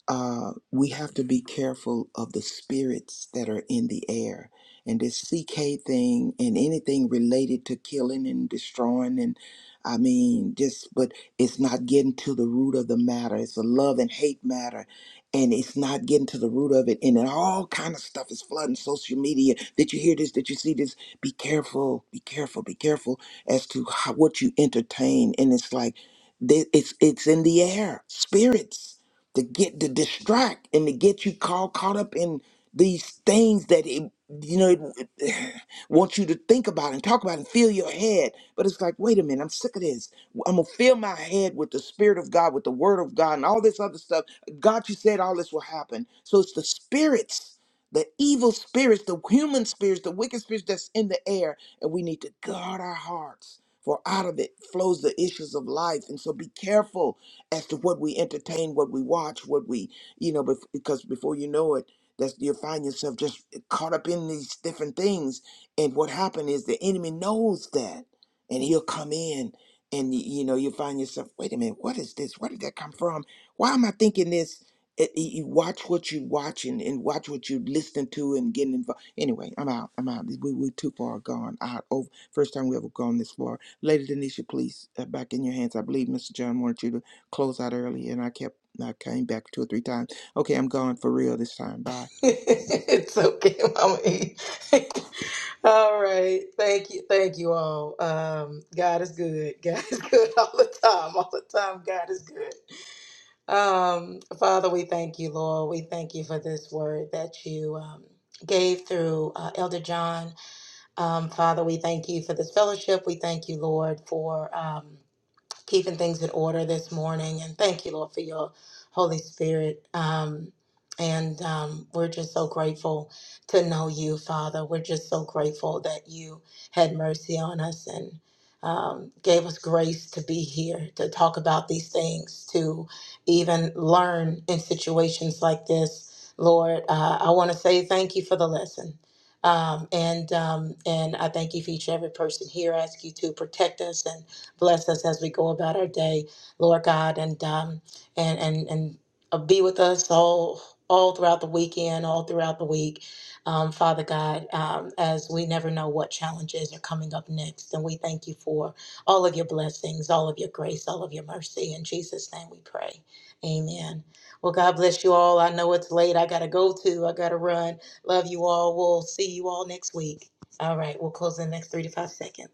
Speaker 7: uh, we have to be careful of the spirits that are in the air. And this CK thing and anything related to killing and destroying, and I mean, just, but it's not getting to the root of the matter. It's a love and hate matter, and it's not getting to the root of it. And then all kind of stuff is flooding social media. Did you hear this? Did you see this? Be careful, be careful, be careful as to how, what you entertain. And it's like, they- it's it's in the air, spirits to get to distract and to get you caught caught up in these things that it you know it, it wants you to think about and talk about and fill your head but it's like wait a minute i'm sick of this i'm gonna fill my head with the spirit of god with the word of god and all this other stuff god you said all this will happen so it's the spirits the evil spirits the human spirits the wicked spirits that's in the air and we need to guard our hearts for out of it flows the issues of life and so be careful as to what we entertain, what we watch, what we, you know, bef- because before you know it, that's you'll find yourself just caught up in these different things. And what happened is the enemy knows that, and he'll come in, and y- you know, you'll find yourself, wait a minute, what is this? Where did that come from? Why am I thinking this? It, you you watch what you watching and and watch what you listening to and getting involved. Anyway, I'm out. I'm out. We we too far gone. Out over. First time we ever gone this far. Lady Denisha, please, uh, back in your hands. I believe Mr. John wanted you to close out early, and I kept I came back two or three times. Okay, I'm going for real this time. Bye.
Speaker 4: It's okay, Mama E. All right. Thank you. Thank you all. Um, God is good. God is good all the time. All the time, God is good. Um, Father, we thank you, Lord. We thank you for this word that you um, gave through uh, Elder John. Um, Father, we thank you for this fellowship. We thank you, Lord, for. Um, keeping things in order this morning. And thank you, Lord, for your Holy Spirit. Um, and um, we're just so grateful to know you, Father. We're just so grateful that you had mercy on us and um, gave us grace to be here, to talk about these things, to even learn in situations like this. Lord, uh, I want to say thank you for the lesson. Um, and um, and I thank you for each and every person here. I ask you to protect us and Bless us as we go about our day, Lord God, and um, and and and uh, be with us all all throughout the weekend, all throughout the week, um, Father God, um, as we never know what challenges are coming up next, and we thank you for all of your blessings, all of your grace, all of your mercy. In Jesus' name, we pray. Amen. Well, God bless you all. I know it's late. I gotta go to. I gotta run. Love you all. We'll see you all next week. All right, we'll close in the next three to five seconds.